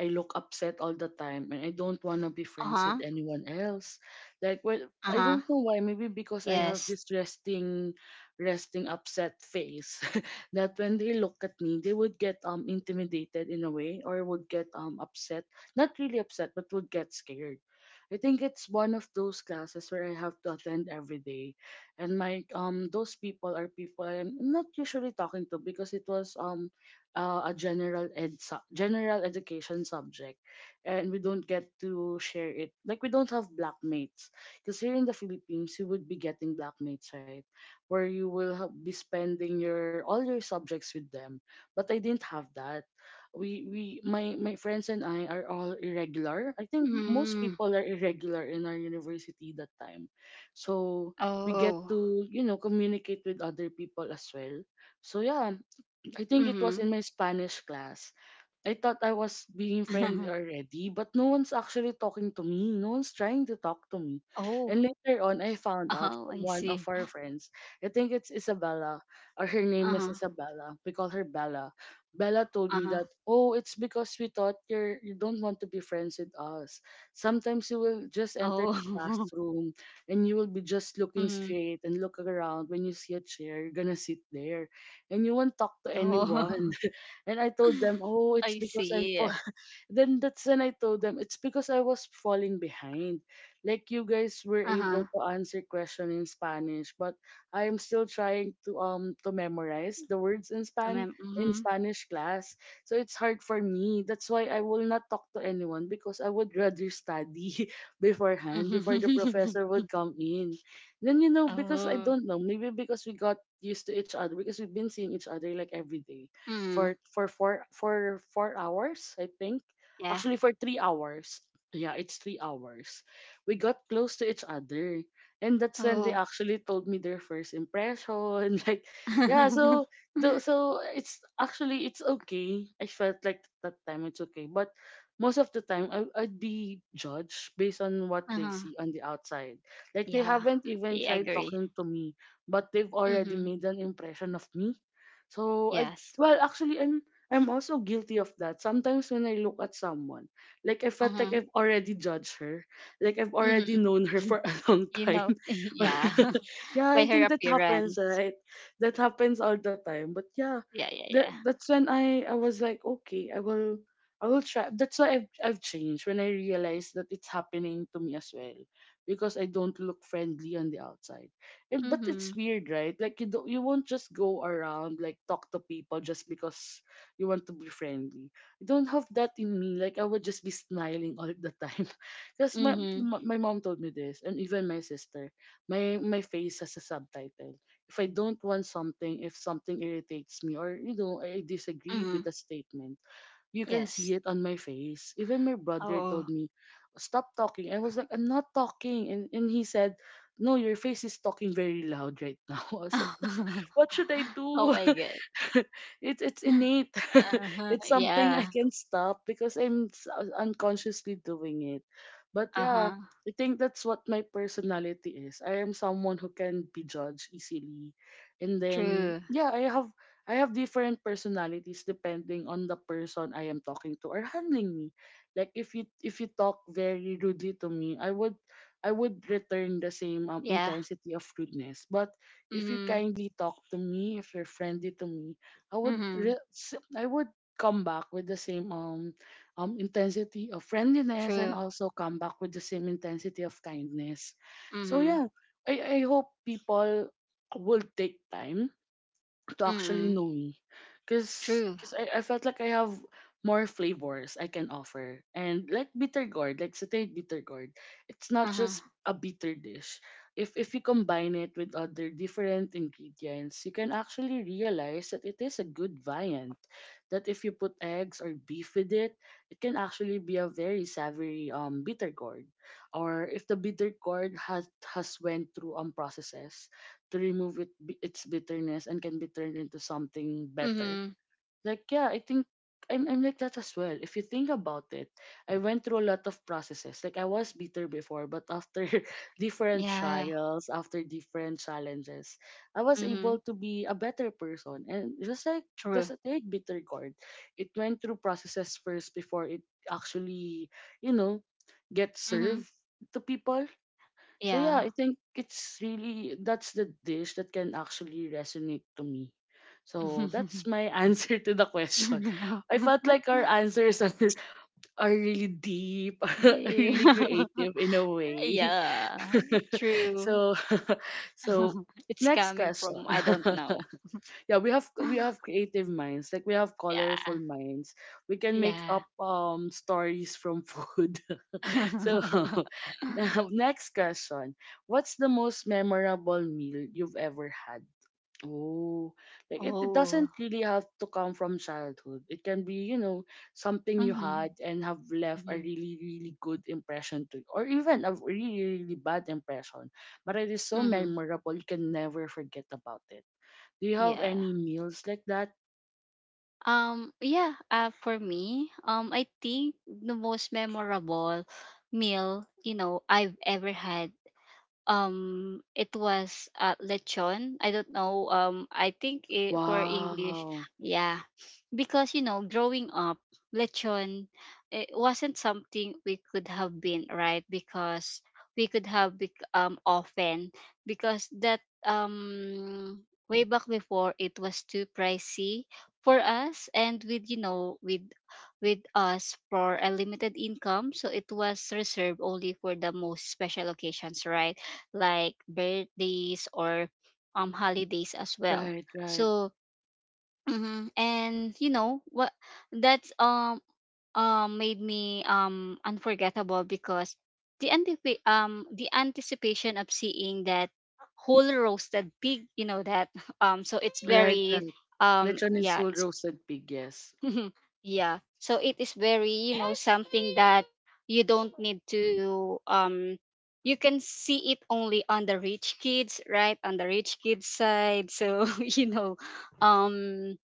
Speaker 1: I look upset all the time, and I don't
Speaker 2: Uh-huh.
Speaker 1: want to be friends with anyone else.
Speaker 2: Uh-huh.
Speaker 1: Like, well, I don't know why. Maybe
Speaker 2: Yes.
Speaker 1: because I have this resting upset face that when they look at me, they would get intimidated in a way or would get upset not really upset, but would get scared. I think it's one of those classes where I have to attend every day, and my those people are people I'm not usually talking to because it was a general education subject, and we don't get to share it like we don't have blackmates because here in the Philippines you would be getting blackmates right where you will be spending your all your subjects with them, but I didn't have that we my friends and I are all irregular. I think
Speaker 2: Mm.
Speaker 1: most people are irregular in our university that time. So
Speaker 2: Oh.
Speaker 1: we get to, you know, communicate with other people as well. So yeah,
Speaker 2: Mm-hmm.
Speaker 1: I think it was in my Spanish class I thought I was being friendly already, but no one's actually talking to me. No one's trying to talk to me.
Speaker 2: Oh.
Speaker 1: And later on,
Speaker 2: Oh,
Speaker 1: I
Speaker 2: I
Speaker 1: found
Speaker 2: see.
Speaker 1: out from one of our friends. I think it's Isabella, or
Speaker 2: Uh-huh.
Speaker 1: her name is Isabella. We call her Bella.
Speaker 2: Uh-huh.
Speaker 1: Bella told me that, oh, it's because we thought you're, you don't want to be friends with us. Sometimes you will just enter the
Speaker 2: Oh.
Speaker 1: classroom and you will be just
Speaker 2: Mm-hmm.
Speaker 1: looking straight and look around. When you see a chair, you're gonna sit there and you won't talk to
Speaker 2: Oh.
Speaker 1: anyone. And I told them,
Speaker 2: I
Speaker 1: oh, it's because
Speaker 2: see.
Speaker 1: I'm fall. Then that's when I told them, it's because I was falling behind. Like you guys were
Speaker 2: Uh-huh.
Speaker 1: able to answer question in Spanish, but I am still trying to memorize the words
Speaker 2: Mm-hmm.
Speaker 1: in Spanish class. So it's hard for me. That's why I will not talk to anyone because I would rather study beforehand before the
Speaker 2: Mm-hmm.
Speaker 1: professor would come in. Then you know because I
Speaker 2: Oh.
Speaker 1: don't know maybe because we got used to each other because we've been seeing each other like every day
Speaker 2: Mm.
Speaker 1: for 4 hours, I think.
Speaker 2: Yeah.
Speaker 1: Actually, for 3 hours. Yeah, it's 3 hours. We got close to each other, and that's when they
Speaker 2: Oh.
Speaker 1: actually told me their first impression. Like, yeah, so so it's actually it's okay. I felt like that time it's okay, but most of the time I'd be judged based on what they
Speaker 2: Uh-huh.
Speaker 1: see on the outside. Like they
Speaker 2: Yeah.
Speaker 1: haven't even
Speaker 2: I
Speaker 1: tried
Speaker 2: agree.
Speaker 1: talking to me, but they've already
Speaker 2: Mm-hmm.
Speaker 1: made an impression of me. So I
Speaker 2: Yes.
Speaker 1: well, actually, I'm also guilty of that. Sometimes when I look at someone, like I felt like
Speaker 2: Uh-huh.
Speaker 1: I've already judged her, like I've already
Speaker 2: Mm-hmm.
Speaker 1: known her for a long
Speaker 2: You
Speaker 1: time.
Speaker 2: know. Yeah.
Speaker 1: Yeah,
Speaker 2: By
Speaker 1: I
Speaker 2: her
Speaker 1: think that happens,
Speaker 2: appearance.
Speaker 1: right? That happens all the time. But yeah,
Speaker 2: Yeah, yeah,
Speaker 1: that
Speaker 2: yeah.
Speaker 1: that's when I was like, okay, I will try. That's why I've changed when I realized that it's happening to me as well, because I don't look friendly on the outside. And but it's
Speaker 2: Mhm.
Speaker 1: weird, right? Like you won't just go around like talk to people just because you want to be friendly. I don't have that in me. Like I would just be smiling all the time. Because my,
Speaker 2: Mhm.
Speaker 1: my my mom told me this, and even my sister. My face has a subtitle. If I don't want something, if something irritates me, or you know, I disagree with
Speaker 2: Mhm.
Speaker 1: a statement, you can
Speaker 2: Yes.
Speaker 1: see it on my face. Even my brother
Speaker 2: Oh.
Speaker 1: told me, stop talking. I was like, I'm not talking. And he said, no, your face is talking very loud right now. I was like, what should I
Speaker 2: Oh
Speaker 1: do?
Speaker 2: my God.
Speaker 1: It's innate.
Speaker 2: Uh-huh.
Speaker 1: It's something I
Speaker 2: Yeah.
Speaker 1: can stop because unconsciously doing it. But yeah,
Speaker 2: Uh-huh.
Speaker 1: I think that's what my personality is. I am someone who can be judged easily. And then
Speaker 2: True.
Speaker 1: yeah, I have different personalities depending on the person I am talking to or handling me. Like if you talk very rudely to me, I would return the same
Speaker 2: Yeah.
Speaker 1: intensity of rudeness. But if you
Speaker 2: Mhm.
Speaker 1: kindly talk to me, if you're friendly to me,
Speaker 2: Mhm.
Speaker 1: I would come back with the same intensity of friendliness and
Speaker 2: True.
Speaker 1: also come back with the same intensity of kindness. So
Speaker 2: Mhm.
Speaker 1: yeah, I hope people will take time to actually
Speaker 2: Mhm.
Speaker 1: know me because
Speaker 2: True.
Speaker 1: I felt like I have more flavors I can offer. And like bitter gourd, like sauteed bitter gourd, it's not
Speaker 2: Uh-huh.
Speaker 1: just a bitter dish. If you combine it with other different ingredients, you can actually realize that it is a good viand. That if you put eggs or beef with it, it can actually be a very savory bitter gourd. Or if the bitter gourd has went through processes, to remove its bitterness and can be turned into something better.
Speaker 2: Mhm.
Speaker 1: Like yeah, I think I'm like that as well. If you think about it, I went through a lot of processes. Like I was bitter before, but after different
Speaker 2: Yeah.
Speaker 1: trials, after different challenges, I was
Speaker 2: Mhm.
Speaker 1: able to be a better person. And just like the
Speaker 2: True.
Speaker 1: satiric bitter gourd, it went through processes first before it actually, you know, gets
Speaker 2: Mhm.
Speaker 1: served to people so yeah,
Speaker 2: Yeah.
Speaker 1: I think it's really that's the dish that can actually resonate to me. So that's my answer to the question. I felt like our answers are, are really deep,
Speaker 2: Deep.
Speaker 1: really creative in a way.
Speaker 2: Yeah. True.
Speaker 1: So so
Speaker 2: It's
Speaker 1: next
Speaker 2: coming
Speaker 1: question.
Speaker 2: from, I don't know.
Speaker 1: Yeah, we have creative minds. Like we have colorful
Speaker 2: Yeah.
Speaker 1: minds. We can make
Speaker 2: Yeah.
Speaker 1: up stories from food. So now next question. What's the most memorable meal you've ever had? Oh, like it
Speaker 2: Oh.
Speaker 1: doesn't really have to come from childhood. It can be, you know, something you
Speaker 2: Mhm.
Speaker 1: had and have left a
Speaker 2: Mhm.
Speaker 1: really, really good impression to you, or even a really, really bad impression. But it is so
Speaker 2: Mhm.
Speaker 1: memorable, you can never forget about it. Do you have
Speaker 2: Yeah.
Speaker 1: any meals like that?
Speaker 2: Yeah, for me, I think the most memorable meal, you know, I've ever had, it was lechon. I don't know, I think it, for English.
Speaker 1: Wow.
Speaker 2: Yeah. Because, you know, growing up, lechon, it wasn't something we could have been, right? Because we could have bec- often, because that, um way back before, it was too pricey for us, and with, you know, with us for a limited income, so it was reserved only for the most special occasions, right? Like birthdays, or holidays as well.
Speaker 1: Right, right,
Speaker 2: So, mhm, and you know what, that's, made me unforgettable, because the anticipation of seeing that whole roasted pig, you know that. So it's
Speaker 1: right,
Speaker 2: very,
Speaker 1: right. Lechon is
Speaker 2: yeah.
Speaker 1: whole roasted pig, yes.
Speaker 2: Yeah. So it is very, you know, something that you don't need to you can see it only on the rich kids, right? On the rich kids side. So, you know, um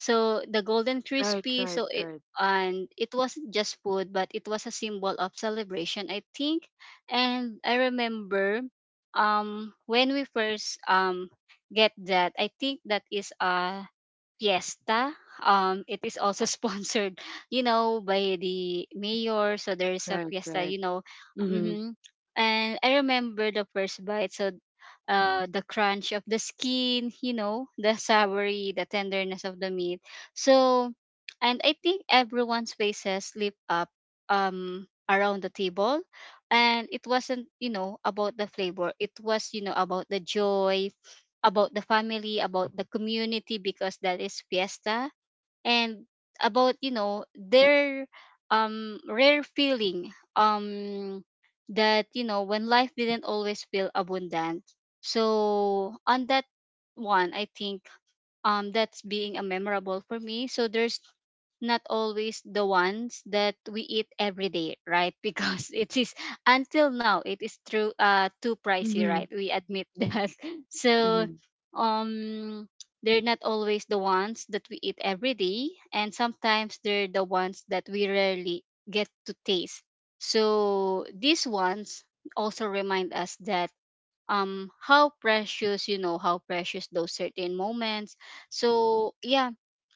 Speaker 2: so the golden
Speaker 1: Right,
Speaker 2: crispy,
Speaker 1: right,
Speaker 2: so it,
Speaker 1: right,
Speaker 2: and it wasn't just food, but it was a symbol of celebration, I think. And I remember, when we first get that, I think that is fiesta. It is also sponsored, you know, by the mayor. So there is a
Speaker 1: right,
Speaker 2: fiesta,
Speaker 1: right.
Speaker 2: you know.
Speaker 1: Mm-hmm.
Speaker 2: Hmm. And I remember the first bite. So, the crunch of the skin, you know, the savory, the tenderness of the meat. So, and I think everyone's faces lit up around the table, and it wasn't, you know, about the flavor. It was, you know, about the joy, about the family, about the community, because that is fiesta, and about, you know, their rare feeling, um that, you know, when life didn't always feel abundant. So on that one, I think that's being a memorable for me. So there's not always the ones that we eat every day, right? Because it is, until now, it is true, too pricey, right?
Speaker 1: Mm-hmm.
Speaker 2: We admit that. So,
Speaker 1: Mm-hmm.
Speaker 2: um they're not always the ones that we eat every day, and sometimes they're the ones that we rarely get to taste. So these ones also remind us that, how precious those certain moments. So yeah,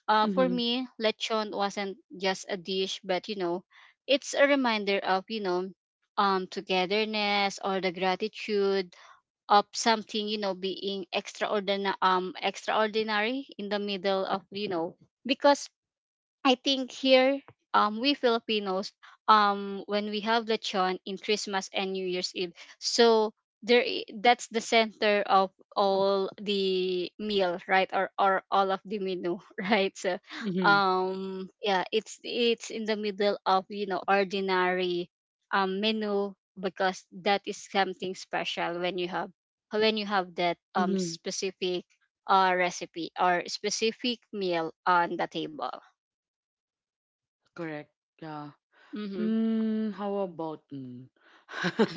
Speaker 2: for
Speaker 1: Mm-hmm.
Speaker 2: me, lechon wasn't just a dish, but, you know, it's a reminder of, you know, togetherness, or the gratitude of something, you know, being extraordinary, in the middle of, you know. Because I think here, we Filipinos, when we have lechon in Christmas and New Year's Eve, so that's the center of all the meal, right? Or all of the menu, right? So,
Speaker 1: Mm-hmm.
Speaker 2: yeah, it's in the middle of, you know, ordinary, menu, because that is something special when you have, when you have that
Speaker 1: Mm-hmm.
Speaker 2: specific recipe or specific meal on the table.
Speaker 1: Correct. Yeah.
Speaker 2: Mhm.
Speaker 1: Hmm, how about me?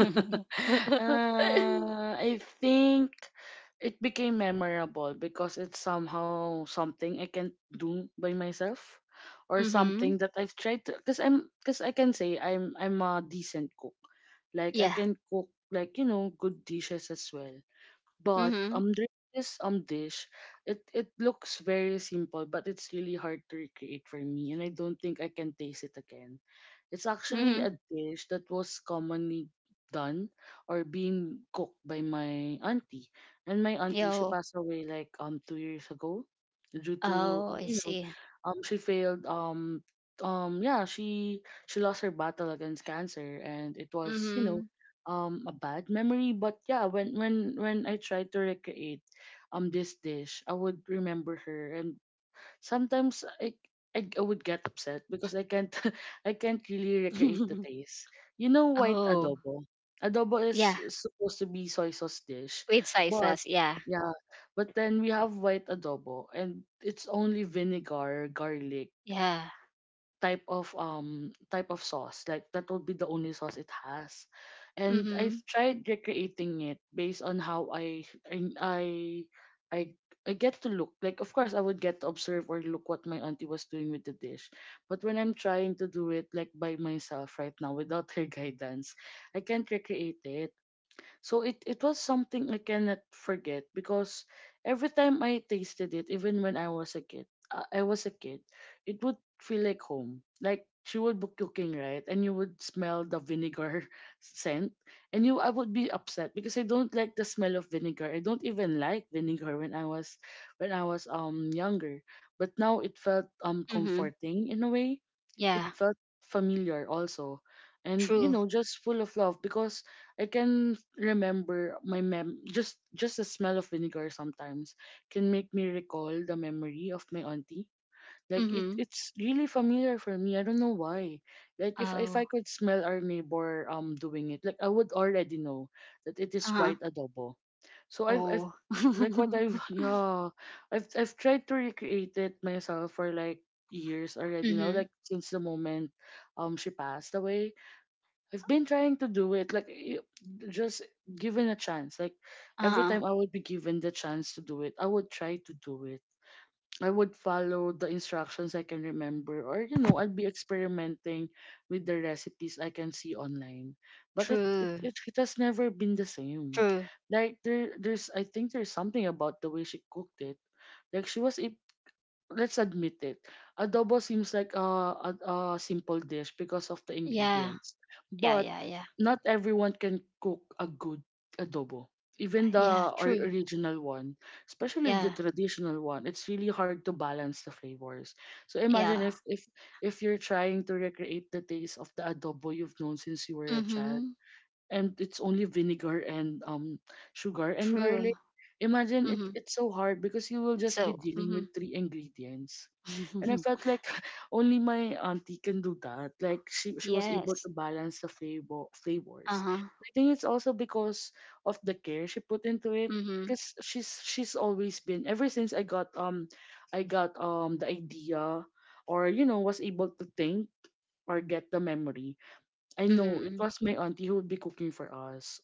Speaker 2: Mhm.
Speaker 1: I think it became memorable because it's somehow something I can do by myself or something that I've tried to because I can say I'm a decent cook. Like I
Speaker 2: Yeah.
Speaker 1: can cook, like, you know, good dishes as well. But
Speaker 2: Mhm.
Speaker 1: there is dish. It looks very simple, but it's really hard to recreate for me, and I don't think I can taste it again. It's actually
Speaker 2: Mhm.
Speaker 1: a dish that was commonly done or being cooked by my auntie. And my auntie, she
Speaker 2: Yo.
Speaker 1: passed away like 2 years ago due to
Speaker 2: Oh, I see.
Speaker 1: she failed yeah, she lost her battle against cancer, and it was, you know,
Speaker 2: Mhm.
Speaker 1: a bad memory. But yeah, when when I tried to recreate this dish, I would remember her, and sometimes I, I would get upset because I can't I can't really recreate the taste. You know, white
Speaker 2: Oh.
Speaker 1: adobo. Adobo is
Speaker 2: Yeah.
Speaker 1: supposed to be soy sauce dish,
Speaker 2: With
Speaker 1: but
Speaker 2: sizes. Yeah.
Speaker 1: yeah, but then we have white adobo, and it's only vinegar, garlic,
Speaker 2: Yeah.
Speaker 1: type of sauce. Like that would be the only sauce it has. And I've
Speaker 2: Mhm.
Speaker 1: tried recreating it based on how i i i, I get to look. Like, of course, I would get to observe or look what my auntie was doing with the dish. But when I'm trying to do it like by myself right now without her guidance, I can't recreate it. So it was something I cannot forget because every time I tasted it, even when I was a kid, I was a kid, it would feel like home. Like she would be cooking, right? And you would smell the vinegar scent. And you I would be upset because I don't like the smell of vinegar. I don't even like vinegar when I was, when I was younger. But now it felt
Speaker 2: Mhm.
Speaker 1: comforting in a way. It
Speaker 2: Yeah.
Speaker 1: felt familiar also. And, you
Speaker 2: True.
Speaker 1: know, just full of love because I can remember my mem just the smell of vinegar sometimes can make me recall the memory of my auntie. Like it
Speaker 2: Mhm.
Speaker 1: it's really familiar for me. I don't know why. Like if I
Speaker 2: Oh.
Speaker 1: could smell our neighbor doing it, like I would already know that it is
Speaker 2: Uh-huh.
Speaker 1: white adobo. So I've
Speaker 2: Oh.
Speaker 1: tr- like what I've yeah, I've tried to recreate it myself for like years already now,
Speaker 2: Mhm.
Speaker 1: like since the moment she passed away. I've been trying to do it, like y- just given a chance. Like every
Speaker 2: Uh-huh.
Speaker 1: time I would be given the chance to do it, I would try to do it. I would follow the instructions I can remember, or, you know, I'd be experimenting with the recipes I can see online. But it it,
Speaker 2: True.
Speaker 1: it, it has never been the same.
Speaker 2: True.
Speaker 1: Like there's I think there's something about the way she cooked it. Like let's admit it, adobo seems like a simple dish because of the
Speaker 2: Yeah.
Speaker 1: ingredients.
Speaker 2: Yeah,
Speaker 1: But
Speaker 2: yeah, yeah.
Speaker 1: not everyone can cook a good adobo. Even
Speaker 2: Yeah,
Speaker 1: the
Speaker 2: true.
Speaker 1: original one, especially the
Speaker 2: Yeah.
Speaker 1: traditional one, it's really hard to balance the flavors. So imagine
Speaker 2: Yeah.
Speaker 1: if you're trying to recreate the taste of the adobo you've known since you were a child,
Speaker 2: Mhm.
Speaker 1: and it's only vinegar and sugar and
Speaker 2: True.
Speaker 1: garlic. Imagine
Speaker 2: Mhm.
Speaker 1: it's so hard because you will just be
Speaker 2: So,
Speaker 1: dealing
Speaker 2: mhm.
Speaker 1: with three ingredients. And I felt like only my auntie can do that. Like she was able
Speaker 2: Yes.
Speaker 1: to balance the flavors.
Speaker 2: Uh-huh.
Speaker 1: I think it's also because of the care she put into it
Speaker 2: Mhm.
Speaker 1: because she's always been. Ever since I got the idea, or, you know, was able to think or get the memory, I
Speaker 2: Mhm.
Speaker 1: know it
Speaker 2: Mhm.
Speaker 1: was my auntie who would be cooking for us.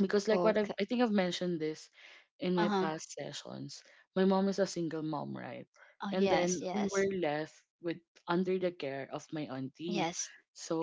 Speaker 1: Because
Speaker 2: Okay.
Speaker 1: I think I've mentioned this in my
Speaker 2: Uh-huh.
Speaker 1: past sessions. My mom is a single mom, right?
Speaker 2: Oh
Speaker 1: And then
Speaker 2: yes,
Speaker 1: we were
Speaker 2: yes.
Speaker 1: left with, under the care of my auntie.
Speaker 2: Yes.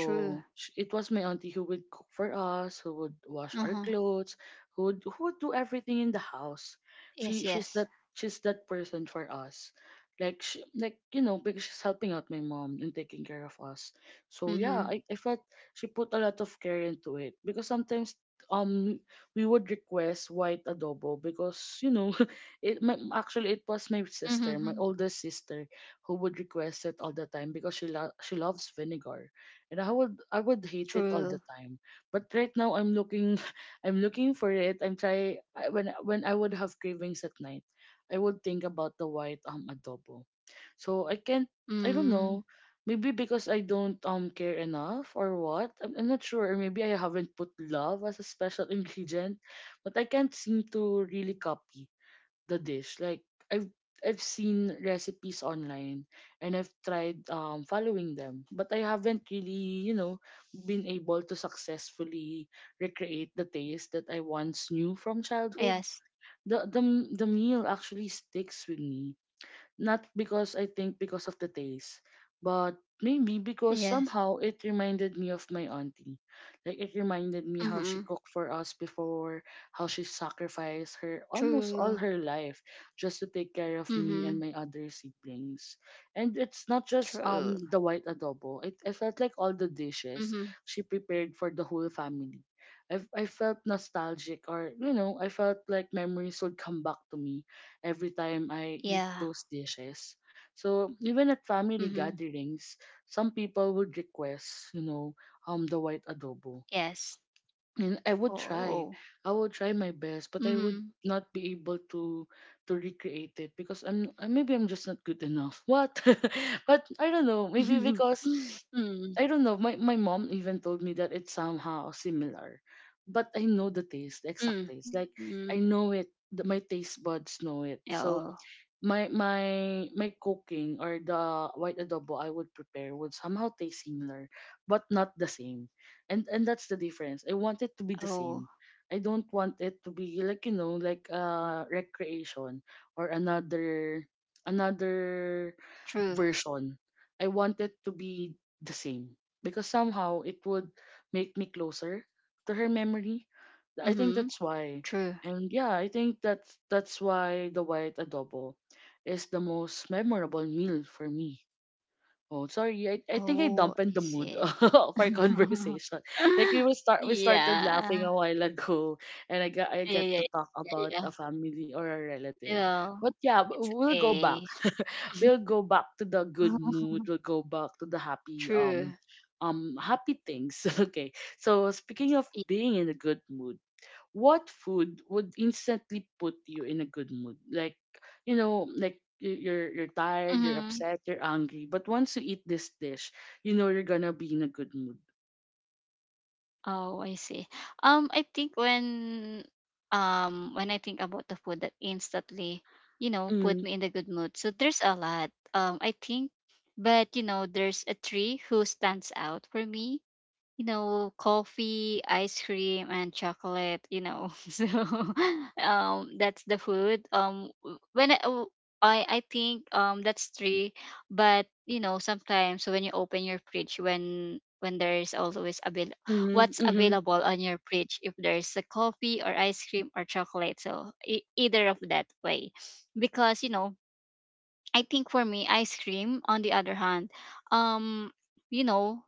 Speaker 2: True.
Speaker 1: it was my auntie who would cook for us, who would wash our
Speaker 2: Uh-huh.
Speaker 1: clothes, who would do everything in the house. She
Speaker 2: Yes,
Speaker 1: she's that
Speaker 2: yes.
Speaker 1: she's that person for us. Like she, like, you know, because she's helping out my mom and taking care of us. So yeah,
Speaker 2: Mhm.
Speaker 1: I felt she put a lot of care into it because sometimes um we would request white adobo because, you know, actually it was my
Speaker 2: Mhm.
Speaker 1: sister, my oldest sister, who would request it all the time because she loves vinegar. And I would hate it
Speaker 2: True.
Speaker 1: all the time. But right now I'm looking I'm looking for it. When I would have cravings at night, I would think about the white adobo. So I can't, I don't
Speaker 2: Mm.
Speaker 1: know. Maybe because I don't care enough, or what. I'm not sure. Or maybe I haven't put love as a special ingredient, but I can't seem to really copy the dish. Like I've seen recipes online, and I've tried following them, but I haven't really, you know, been able to successfully recreate the taste that I once knew from childhood.
Speaker 2: Yes.
Speaker 1: The the meal actually sticks with me, not because I think because of the taste, but maybe because
Speaker 2: Yes.
Speaker 1: somehow it reminded me of my auntie. Like it reminded me how she
Speaker 2: Mhm.
Speaker 1: cooked for us before, how she sacrificed her almost
Speaker 2: True.
Speaker 1: all her life just to take care of me
Speaker 2: Mhm.
Speaker 1: and my other siblings. And it's not just
Speaker 2: True.
Speaker 1: the white adobo. It I felt like all the dishes
Speaker 2: Mhm.
Speaker 1: she prepared for the whole family, I felt nostalgic, or, you know, I felt like memories would come back to me every time I eat
Speaker 2: Yeah.
Speaker 1: those dishes. So even at family
Speaker 2: Mhm.
Speaker 1: gatherings, some people would request, you know, the white adobo.
Speaker 2: Yes.
Speaker 1: And I would try.
Speaker 2: Oh.
Speaker 1: I would try my best, but I would
Speaker 2: Mhm.
Speaker 1: not be able to recreate it because I'm maybe I'm just not good enough. What? But I don't know.
Speaker 2: Mhm.
Speaker 1: Maybe because
Speaker 2: Mm.
Speaker 1: I don't know. My mom even told me that it's somehow similar. But I know the taste, the
Speaker 2: Mm.
Speaker 1: exact taste.
Speaker 2: Mm.
Speaker 1: Like I know it. My taste buds know it.
Speaker 2: Oh.
Speaker 1: So my my cooking, or the white adobo I would prepare, would somehow taste similar, but not the same. And that's the difference. I want it to be the
Speaker 2: Oh.
Speaker 1: same. I don't want it to be like, you know, like recreation or another
Speaker 2: True.
Speaker 1: version. I want it to be the same because somehow it would make me closer to her memory. I think
Speaker 2: Mhm.
Speaker 1: that's why.
Speaker 2: True.
Speaker 1: And yeah, I think that's why the white adobo is the most memorable meal for me. Oh, sorry. I think I
Speaker 2: Oh, I
Speaker 1: dampened the mood
Speaker 2: see.
Speaker 1: of our conversation. Like we started
Speaker 2: Yeah.
Speaker 1: laughing a while ago, and I
Speaker 2: Yeah, yeah,
Speaker 1: get to talk
Speaker 2: yeah, yeah.
Speaker 1: about a family or a relative.
Speaker 2: Yeah,
Speaker 1: But yeah,
Speaker 2: it's
Speaker 1: we'll go
Speaker 2: okay.
Speaker 1: back. We'll go back to the good mood. We'll go back to the happy
Speaker 2: True.
Speaker 1: happy things. Okay. So speaking of being in a good mood, what food would instantly put you in a good mood? Like, you know, like you're tired, you're
Speaker 2: Mm-hmm.
Speaker 1: upset, you're angry, but once you eat this dish, you know you're gonna be in a good mood.
Speaker 2: Oh, I see. I think when I think about the food that instantly, you know, put
Speaker 1: Mm-hmm,
Speaker 2: me in the good mood. So there's a lot. I think, but, you know, there's a tree who stands out for me. You know, coffee, ice cream, and chocolate. You know, so, that's the food. I think that's three, but, you know, sometimes when you open your fridge, when there is always avail
Speaker 1: mm-hmm,
Speaker 2: what's
Speaker 1: mm-hmm,
Speaker 2: available on your fridge, if there's a coffee or ice cream or chocolate, so either of that way. Because, you know, I think for me ice cream, on the other hand, um you know,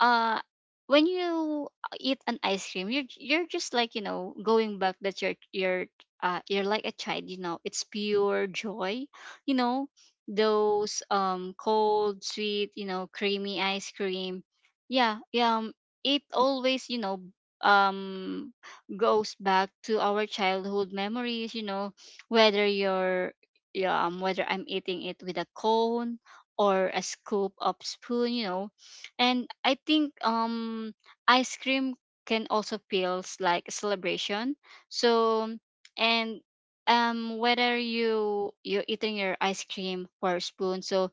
Speaker 2: uh when you eat an ice cream, you're just like, you know, going back that you're like a child, you know, it's pure joy. You know, those cold, sweet, you know, creamy ice cream. Yeah, yeah, it always, you know, um goes back to our childhood memories, you know, whether you're yeah, whether I'm eating it with a cone or a scoop of spoon, you know. And I think ice cream can also feels like a celebration. So, and whether you're eating your ice cream for a spoon, so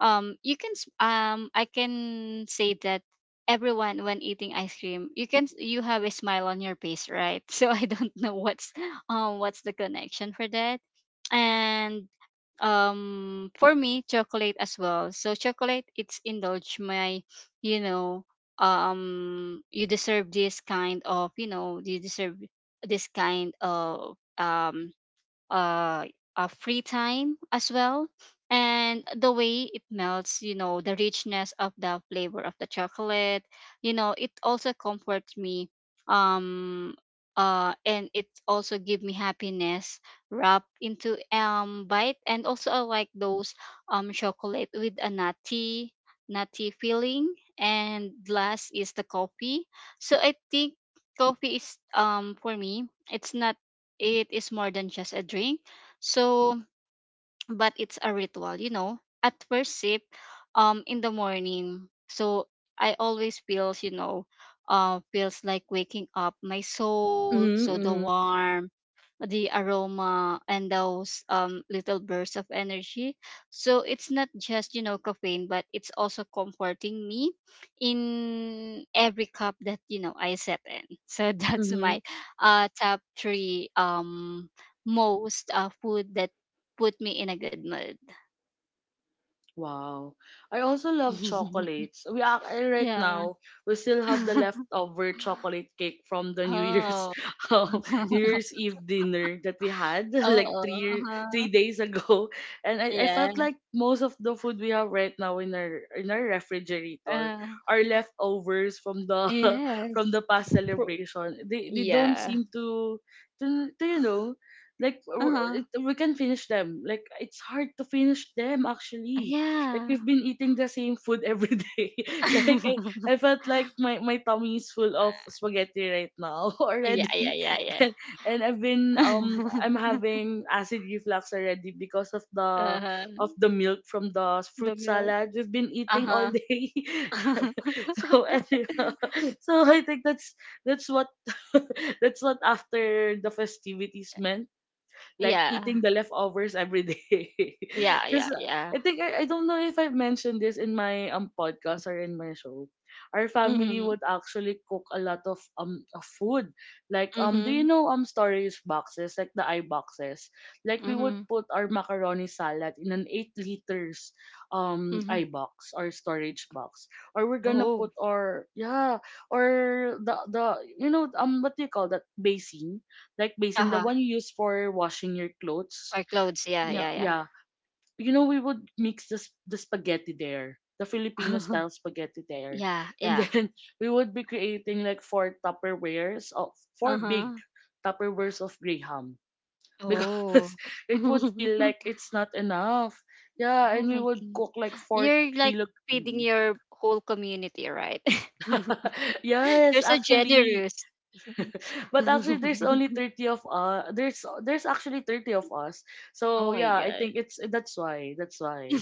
Speaker 2: I can say that everyone when eating ice cream, you have a smile on your face, right? So I don't know what's, what's the connection for that. And for me chocolate as well. So chocolate, it's indulge my, you know, you deserve this kind of, you know, you deserve this kind of uh, free time as well. And the way it melts, you know, the richness of the flavor of the chocolate, you know, it also comforts me, um and it also give me happiness wrapped into bite. And also I like those chocolate with a nutty feeling. And last is the coffee. So I think coffee is, for me, it's not it is more than just a drink. So, but it's a ritual, you know. At first sip, in the morning, so I always feels, you know, feels like waking up my soul. So the
Speaker 1: mm-hmm,
Speaker 2: warm, the aroma, and those little bursts of energy. So it's not just, you know, caffeine, but it's also comforting me in every cup that, you know, I sip in. So that's
Speaker 1: mm-hmm.
Speaker 2: my top three most food that put me in a good mood.
Speaker 1: Wow. I also love chocolates. We are right
Speaker 2: Yeah.
Speaker 1: now we still have the leftover chocolate cake from the New Year's
Speaker 2: Oh.
Speaker 1: New Year's Eve dinner that we had like
Speaker 2: Oh. Uh-huh.
Speaker 1: 3 days ago. And I
Speaker 2: Yeah.
Speaker 1: felt like most of the food we have right now in our refrigerator
Speaker 2: Uh,
Speaker 1: are leftovers from the from
Speaker 2: yes.
Speaker 1: the past
Speaker 2: Pro-
Speaker 1: celebration. They don't
Speaker 2: yeah.
Speaker 1: seem to to, you know, like
Speaker 2: Uh-huh.
Speaker 1: we can finish them. Like it's hard to finish them, actually. Like
Speaker 2: Yeah.
Speaker 1: we've been eating the same food every day. Like I felt like my tummy is full of spaghetti right now
Speaker 2: Yeah, yeah,
Speaker 1: already,
Speaker 2: yeah, yeah.
Speaker 1: and, and I've been I'm having acid reflux already because
Speaker 2: Uh-huh.
Speaker 1: of the milk from the
Speaker 2: The
Speaker 1: fruit
Speaker 2: milk.
Speaker 1: salad we've been eating all
Speaker 2: Uh-huh.
Speaker 1: day. So anyhow, so I think that's what that's what after the festivities meant, like eating
Speaker 2: Yeah.
Speaker 1: the leftovers every day.
Speaker 2: Yeah,
Speaker 1: Because
Speaker 2: yeah, yeah.
Speaker 1: I think I don't know if I've mentioned this in my podcast or in my show. Our family
Speaker 2: Mhm.
Speaker 1: would actually cook a lot of food. Like do you
Speaker 2: Mhm.
Speaker 1: know storage boxes like the I boxes? Like we would
Speaker 2: Mhm.
Speaker 1: put our macaroni salad in an 8 liters
Speaker 2: Mhm.
Speaker 1: I box or storage box, or we're gonna
Speaker 2: Oh.
Speaker 1: put our, yeah, or the you know what do you call that basin, like basin, the
Speaker 2: Uh-huh.
Speaker 1: one you use for washing your clothes.
Speaker 2: Or clothes. Yeah, yeah,
Speaker 1: Yeah,
Speaker 2: yeah.
Speaker 1: yeah. We would mix the spaghetti there, the Filipino style spaghetti there,
Speaker 2: Yeah,
Speaker 1: and
Speaker 2: yeah.
Speaker 1: then we would be creating like four Tupperwares of four big
Speaker 2: Uh-huh.
Speaker 1: Tupperwares of Graham because
Speaker 2: Oh.
Speaker 1: it would feel like it's not enough. Yeah,
Speaker 2: Oh
Speaker 1: and we
Speaker 2: my
Speaker 1: would
Speaker 2: God.
Speaker 1: cook like four
Speaker 2: You're like
Speaker 1: kilo.
Speaker 2: feeding your whole community, right? You're
Speaker 1: Yes,
Speaker 2: so
Speaker 1: actually.
Speaker 2: generous.
Speaker 1: But actually, there's actually 30 of us.
Speaker 2: Oh
Speaker 1: So
Speaker 2: my
Speaker 1: yeah, I
Speaker 2: God.
Speaker 1: think it's that's why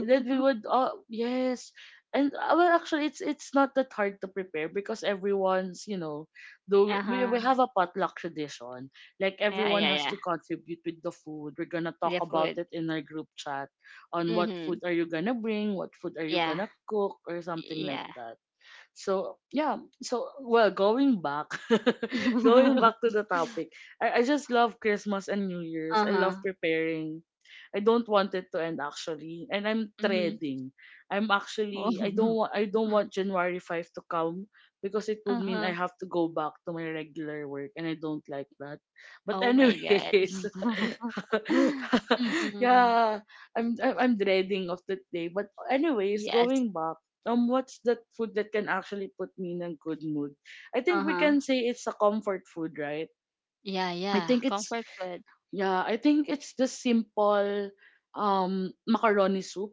Speaker 1: that we would. Yes, and well, actually, it's not that hard to prepare because everyone's you know, do
Speaker 2: Uh-huh.
Speaker 1: we have a potluck tradition. Like
Speaker 2: Yeah,
Speaker 1: everyone
Speaker 2: yeah,
Speaker 1: has
Speaker 2: yeah.
Speaker 1: to contribute with the food. We're gonna talk
Speaker 2: The
Speaker 1: about
Speaker 2: food.
Speaker 1: it in our group chat on what
Speaker 2: Mm-hmm.
Speaker 1: food are you gonna bring, what food are you
Speaker 2: Yeah.
Speaker 1: gonna cook, or something like
Speaker 2: Yeah.
Speaker 1: that. So yeah, so, well, going back to the topic. I just love Christmas and New Year's. I love
Speaker 2: Uh-huh.
Speaker 1: preparing. I don't want it to end, actually, and I'm
Speaker 2: Mm-hmm.
Speaker 1: dreading. I don't want January 5 to come, because it would mean I
Speaker 2: Uh-huh.
Speaker 1: have to go back to my regular work, and I don't like that. But
Speaker 2: Oh my God.
Speaker 1: anyways,
Speaker 2: Mm-hmm.
Speaker 1: yeah, I'm dreading of that day. But anyways,
Speaker 2: Yes.
Speaker 1: going back, what's that food that can actually put me in a good mood? I think we
Speaker 2: Uh-huh.
Speaker 1: can say it's a comfort food, right?
Speaker 2: Yeah,
Speaker 1: I
Speaker 2: yeah.
Speaker 1: think it's
Speaker 2: Comfort food.
Speaker 1: Yeah, I think it's the simple macaroni soup.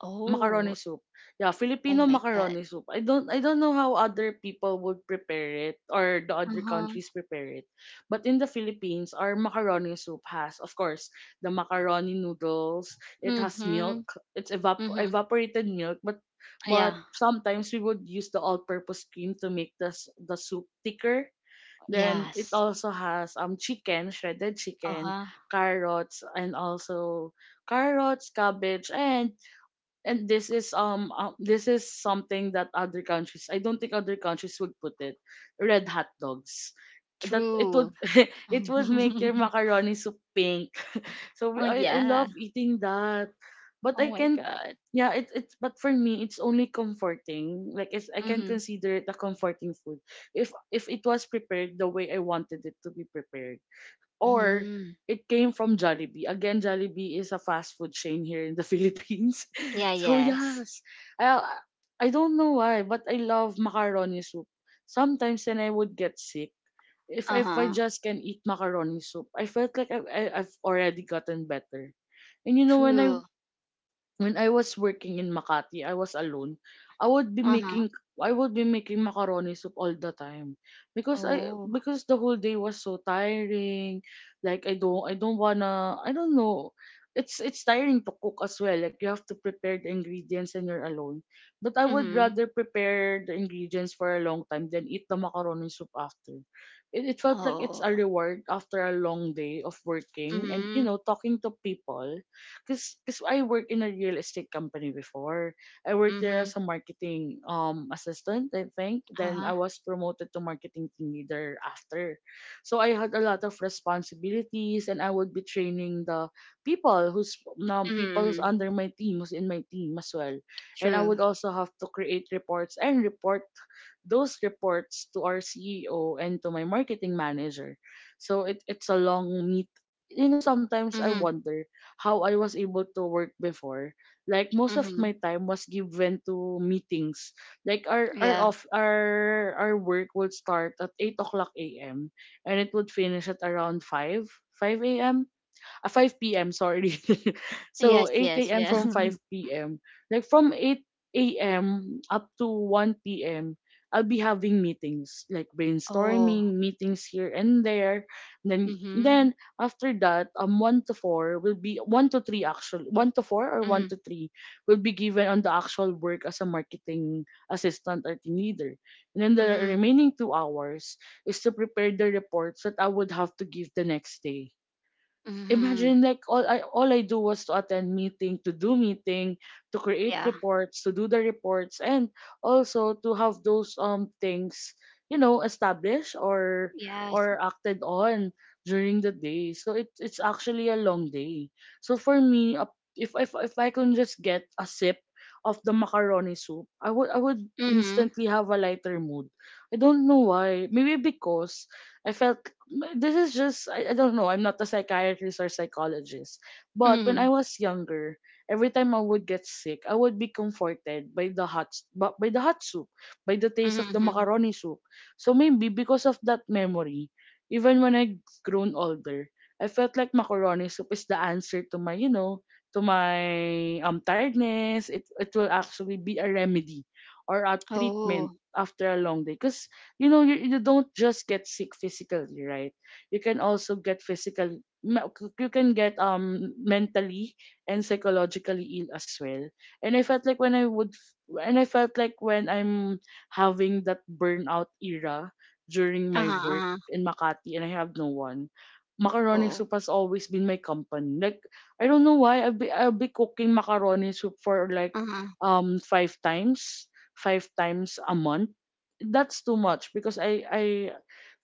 Speaker 2: Oh,
Speaker 1: Macaroni soup. Yeah,
Speaker 2: oh
Speaker 1: Filipino
Speaker 2: my God.
Speaker 1: macaroni soup. I don't know how other people would prepare it or the other
Speaker 2: Uh-huh.
Speaker 1: countries prepare it. But in the Philippines, our macaroni soup has, of course, the macaroni noodles, it has
Speaker 2: Mm-hmm.
Speaker 1: milk, it's
Speaker 2: Mm-hmm.
Speaker 1: evaporated milk, but
Speaker 2: Yeah.
Speaker 1: sometimes we would use the all-purpose cream to make the soup thicker. Then it
Speaker 2: Yes.
Speaker 1: also has chicken, shredded chicken,
Speaker 2: Uh-huh.
Speaker 1: carrots, cabbage, and this is something that other countries, I don't think other countries would put it, red hot dogs, that it would
Speaker 2: True.
Speaker 1: it would make your macaroni soup pink. So
Speaker 2: Oh
Speaker 1: we, I
Speaker 2: yeah.
Speaker 1: love eating that, but I
Speaker 2: Oh my
Speaker 1: can
Speaker 2: God.
Speaker 1: yeah, it it's but for me, it's only comforting. Like I can
Speaker 2: Mm-hmm.
Speaker 1: consider it a comforting food if it was prepared the way I wanted it to be prepared, or
Speaker 2: Mm-hmm.
Speaker 1: it came from Jollibee. Again, Jollibee is a fast food chain here in the Philippines.
Speaker 2: Yeah,
Speaker 1: So
Speaker 2: yes.
Speaker 1: yes, I I don't know why, but I love macaroni soup. Sometimes when I would get sick, if I
Speaker 2: Uh-huh.
Speaker 1: just can eat macaroni soup, I felt like I've already gotten better. And you know when I
Speaker 2: True.
Speaker 1: when I was working in Makati, I was alone.
Speaker 2: Uh-huh.
Speaker 1: I would be making macaroni soup all the time, because I
Speaker 2: Oh.
Speaker 1: because the whole day was so tiring. Like I don't know. It's tiring to cook as well. Like you have to prepare the ingredients and you're alone. But I would
Speaker 2: Mm-hmm.
Speaker 1: rather prepare the ingredients for a long time than eat the macaroni soup after. It felt like it's
Speaker 2: Oh.
Speaker 1: a reward after a long day of working and
Speaker 2: Mm-hmm.
Speaker 1: talking to people, cause I worked in a real estate company before. I worked there
Speaker 2: Mm-hmm.
Speaker 1: as a marketing assistant, I think. Then I
Speaker 2: Uh-huh.
Speaker 1: was promoted to marketing team leader after. So I had a lot of responsibilities, and I would be training the people who's people who's
Speaker 2: Mm-hmm.
Speaker 1: under my team, who's in my team as well. And I
Speaker 2: True.
Speaker 1: would also have to create reports and report those reports to our CEO and to my marketing manager. So it's a long meet. Sometimes I
Speaker 2: Mm-hmm.
Speaker 1: wonder how I was able to work before, like most of
Speaker 2: Mm-hmm.
Speaker 1: my time was given to meetings. Like our
Speaker 2: Yeah.
Speaker 1: off our work would start at 8 o'clock a.m. and it would finish at around five a.m., 5 p.m. Sorry, so
Speaker 2: Yes,
Speaker 1: 8
Speaker 2: yes,
Speaker 1: a.m.
Speaker 2: yeah.
Speaker 1: from 5 p.m. Like from 8 a.m. up to 1 p.m. I'll be having meetings like
Speaker 2: Oh.
Speaker 1: brainstorming meetings here and there. Then
Speaker 2: Mm-hmm.
Speaker 1: then after that, one to four will be one to three, actually one to four or
Speaker 2: Mm-hmm.
Speaker 1: one to three, will be given on the actual work as a marketing assistant or team leader. And then the
Speaker 2: Mhm.
Speaker 1: remaining 2 hours is to prepare the reports that I would have to give the next day.
Speaker 2: Mhm.
Speaker 1: Imagine, like, all I do was to attend meeting, to do meeting, to create
Speaker 2: Yeah.
Speaker 1: reports, to do the reports, and also to have those things, established
Speaker 2: Yes.
Speaker 1: or acted on during the day. So it's actually a long day. So for me, if I can just get a sip of the macaroni soup, I would
Speaker 2: Mhm.
Speaker 1: instantly have a lighter mood. I don't know why. Maybe because I felt, this is just, I don't know, I'm not a psychiatrist or psychologist, but when I
Speaker 2: Mhm.
Speaker 1: was younger, every time I would get sick, I would be comforted by the by the hot soup, by the taste of
Speaker 2: Mhm.
Speaker 1: the
Speaker 2: Mhm.
Speaker 1: macaroni soup. So maybe because of that memory, even when I grown older, I felt like macaroni soup is the answer to my, you know, to my tiredness. It will actually be a remedy or a treatment
Speaker 2: Oh.
Speaker 1: after a long day, because you don't just get sick physically, right? You can also get physical me- you can get mentally and psychologically ill as well. And I felt like when I'm having that burnout era during my
Speaker 2: Uh-huh.
Speaker 1: work
Speaker 2: Uh-huh.
Speaker 1: in Makati, and I have no one. Macaroni
Speaker 2: Oo.
Speaker 1: soup has always been my company. Like I don't know why, I'll be cooking macaroni soup for like,
Speaker 2: Uh-huh.
Speaker 1: 5 times, 5 times a month. That's too much because I I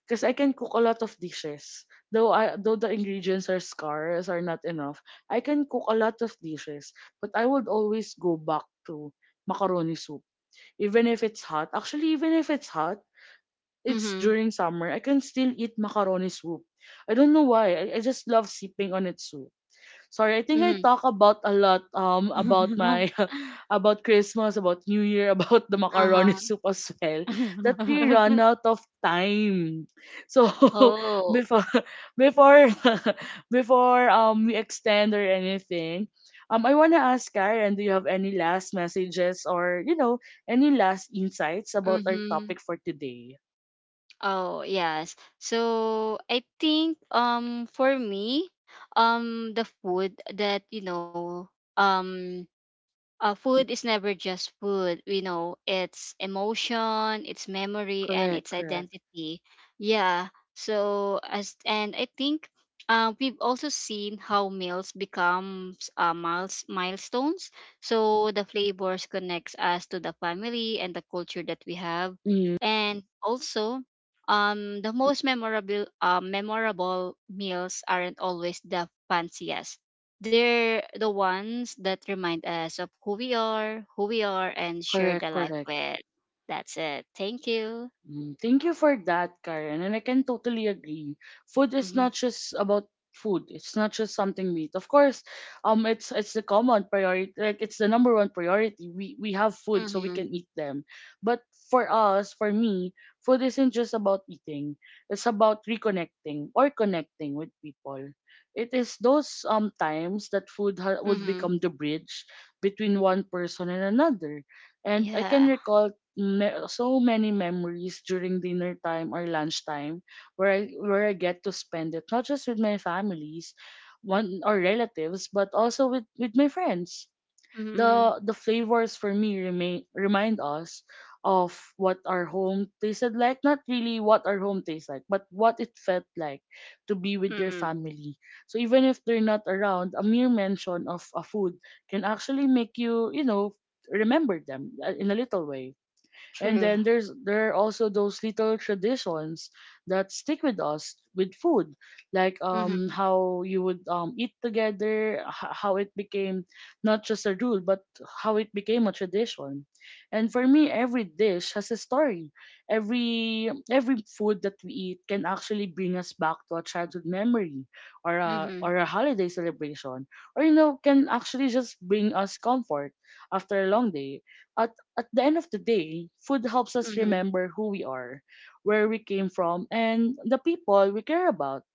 Speaker 1: because I can cook a lot of dishes. Though the ingredients are scarce, are not enough, I can cook a lot of dishes. But I would always go back to macaroni soup, even if it's hot. Actually, even if it's hot, it's
Speaker 2: Mhm.
Speaker 1: during summer, I can still eat macaroni soup. I don't know why. I just love sipping on its soup. Sorry, I think I
Speaker 2: Mhm.
Speaker 1: talk about a lot, about my, about Christmas, about New Year, about the macaroni soup as well.
Speaker 2: Uh-huh.
Speaker 1: That we run out of time. So
Speaker 2: Oh.
Speaker 1: before before before we extend or anything, I wanna ask Karen, do you have any last messages or any last insights about our
Speaker 2: Mhm.
Speaker 1: topic for today?
Speaker 2: Oh, yes. So, I think for me, the food that you know um food is never just food. We know it's emotion, it's memory, and
Speaker 1: Correct,
Speaker 2: it's
Speaker 1: correct.
Speaker 2: identity. Yeah. So as, and I think, we've also seen how meals become milestones. So the flavors connects us to the family and the culture that we have,
Speaker 1: Mm,
Speaker 2: and also. The most memorable meals aren't always the fanciest. They're the ones that remind us of who we are, and share
Speaker 1: correct,
Speaker 2: the life
Speaker 1: correct.
Speaker 2: with. That's it. Thank you.
Speaker 1: Mm, Thank you for that, Karen. And I can totally agree. Food is
Speaker 2: Mm-hmm.
Speaker 1: not just about food. It's not just something we eat. Of course, it's the common priority. Like it's the number one priority. We have food, so we
Speaker 2: Mm-hmm.
Speaker 1: can eat them. But for us, for me, food isn't just about eating. It's about reconnecting or connecting with people. It is those times that food, would
Speaker 2: Mm-hmm.
Speaker 1: become the bridge between one person and another. And I can
Speaker 2: Yeah.
Speaker 1: recall, so many memories during dinner time or lunchtime, where where I get to spend it not just with my families, one, or relatives, but also with my friends.
Speaker 2: Mm-hmm.
Speaker 1: The the flavors for me remain remind us of what our home tasted like, not really what our home tastes like, but what it felt like to be with your
Speaker 2: Mm-hmm.
Speaker 1: family. So even if they're not around, a mere mention of a food can actually make you, you know remember them, in a little way. And
Speaker 2: True.
Speaker 1: then there are also those little traditions that stick with us with food, like,
Speaker 2: Mm-hmm.
Speaker 1: how you would, eat together, how it became not just a rule but how it became a tradition. And for me, every dish has a story. Every food that we eat can actually bring us back to a childhood memory, or
Speaker 2: Mm-hmm.
Speaker 1: a holiday celebration, or can actually just bring us comfort after a long day. At at the end of the day, food helps us
Speaker 2: Mm-hmm.
Speaker 1: remember who we are, where we came from, and the people we care about.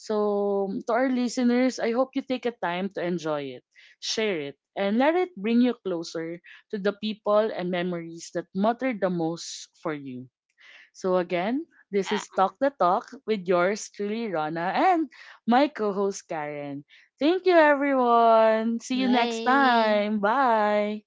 Speaker 1: So, to our listeners, I hope you take a time to enjoy it, share it, and let it bring you closer to the people and memories that matter the most for you. So, again, this is
Speaker 2: Yeah.
Speaker 1: Talk the Talk with yours truly, Rana, and my co host, Karen. Thank you, everyone. See you next
Speaker 2: Bye.
Speaker 1: time. Bye.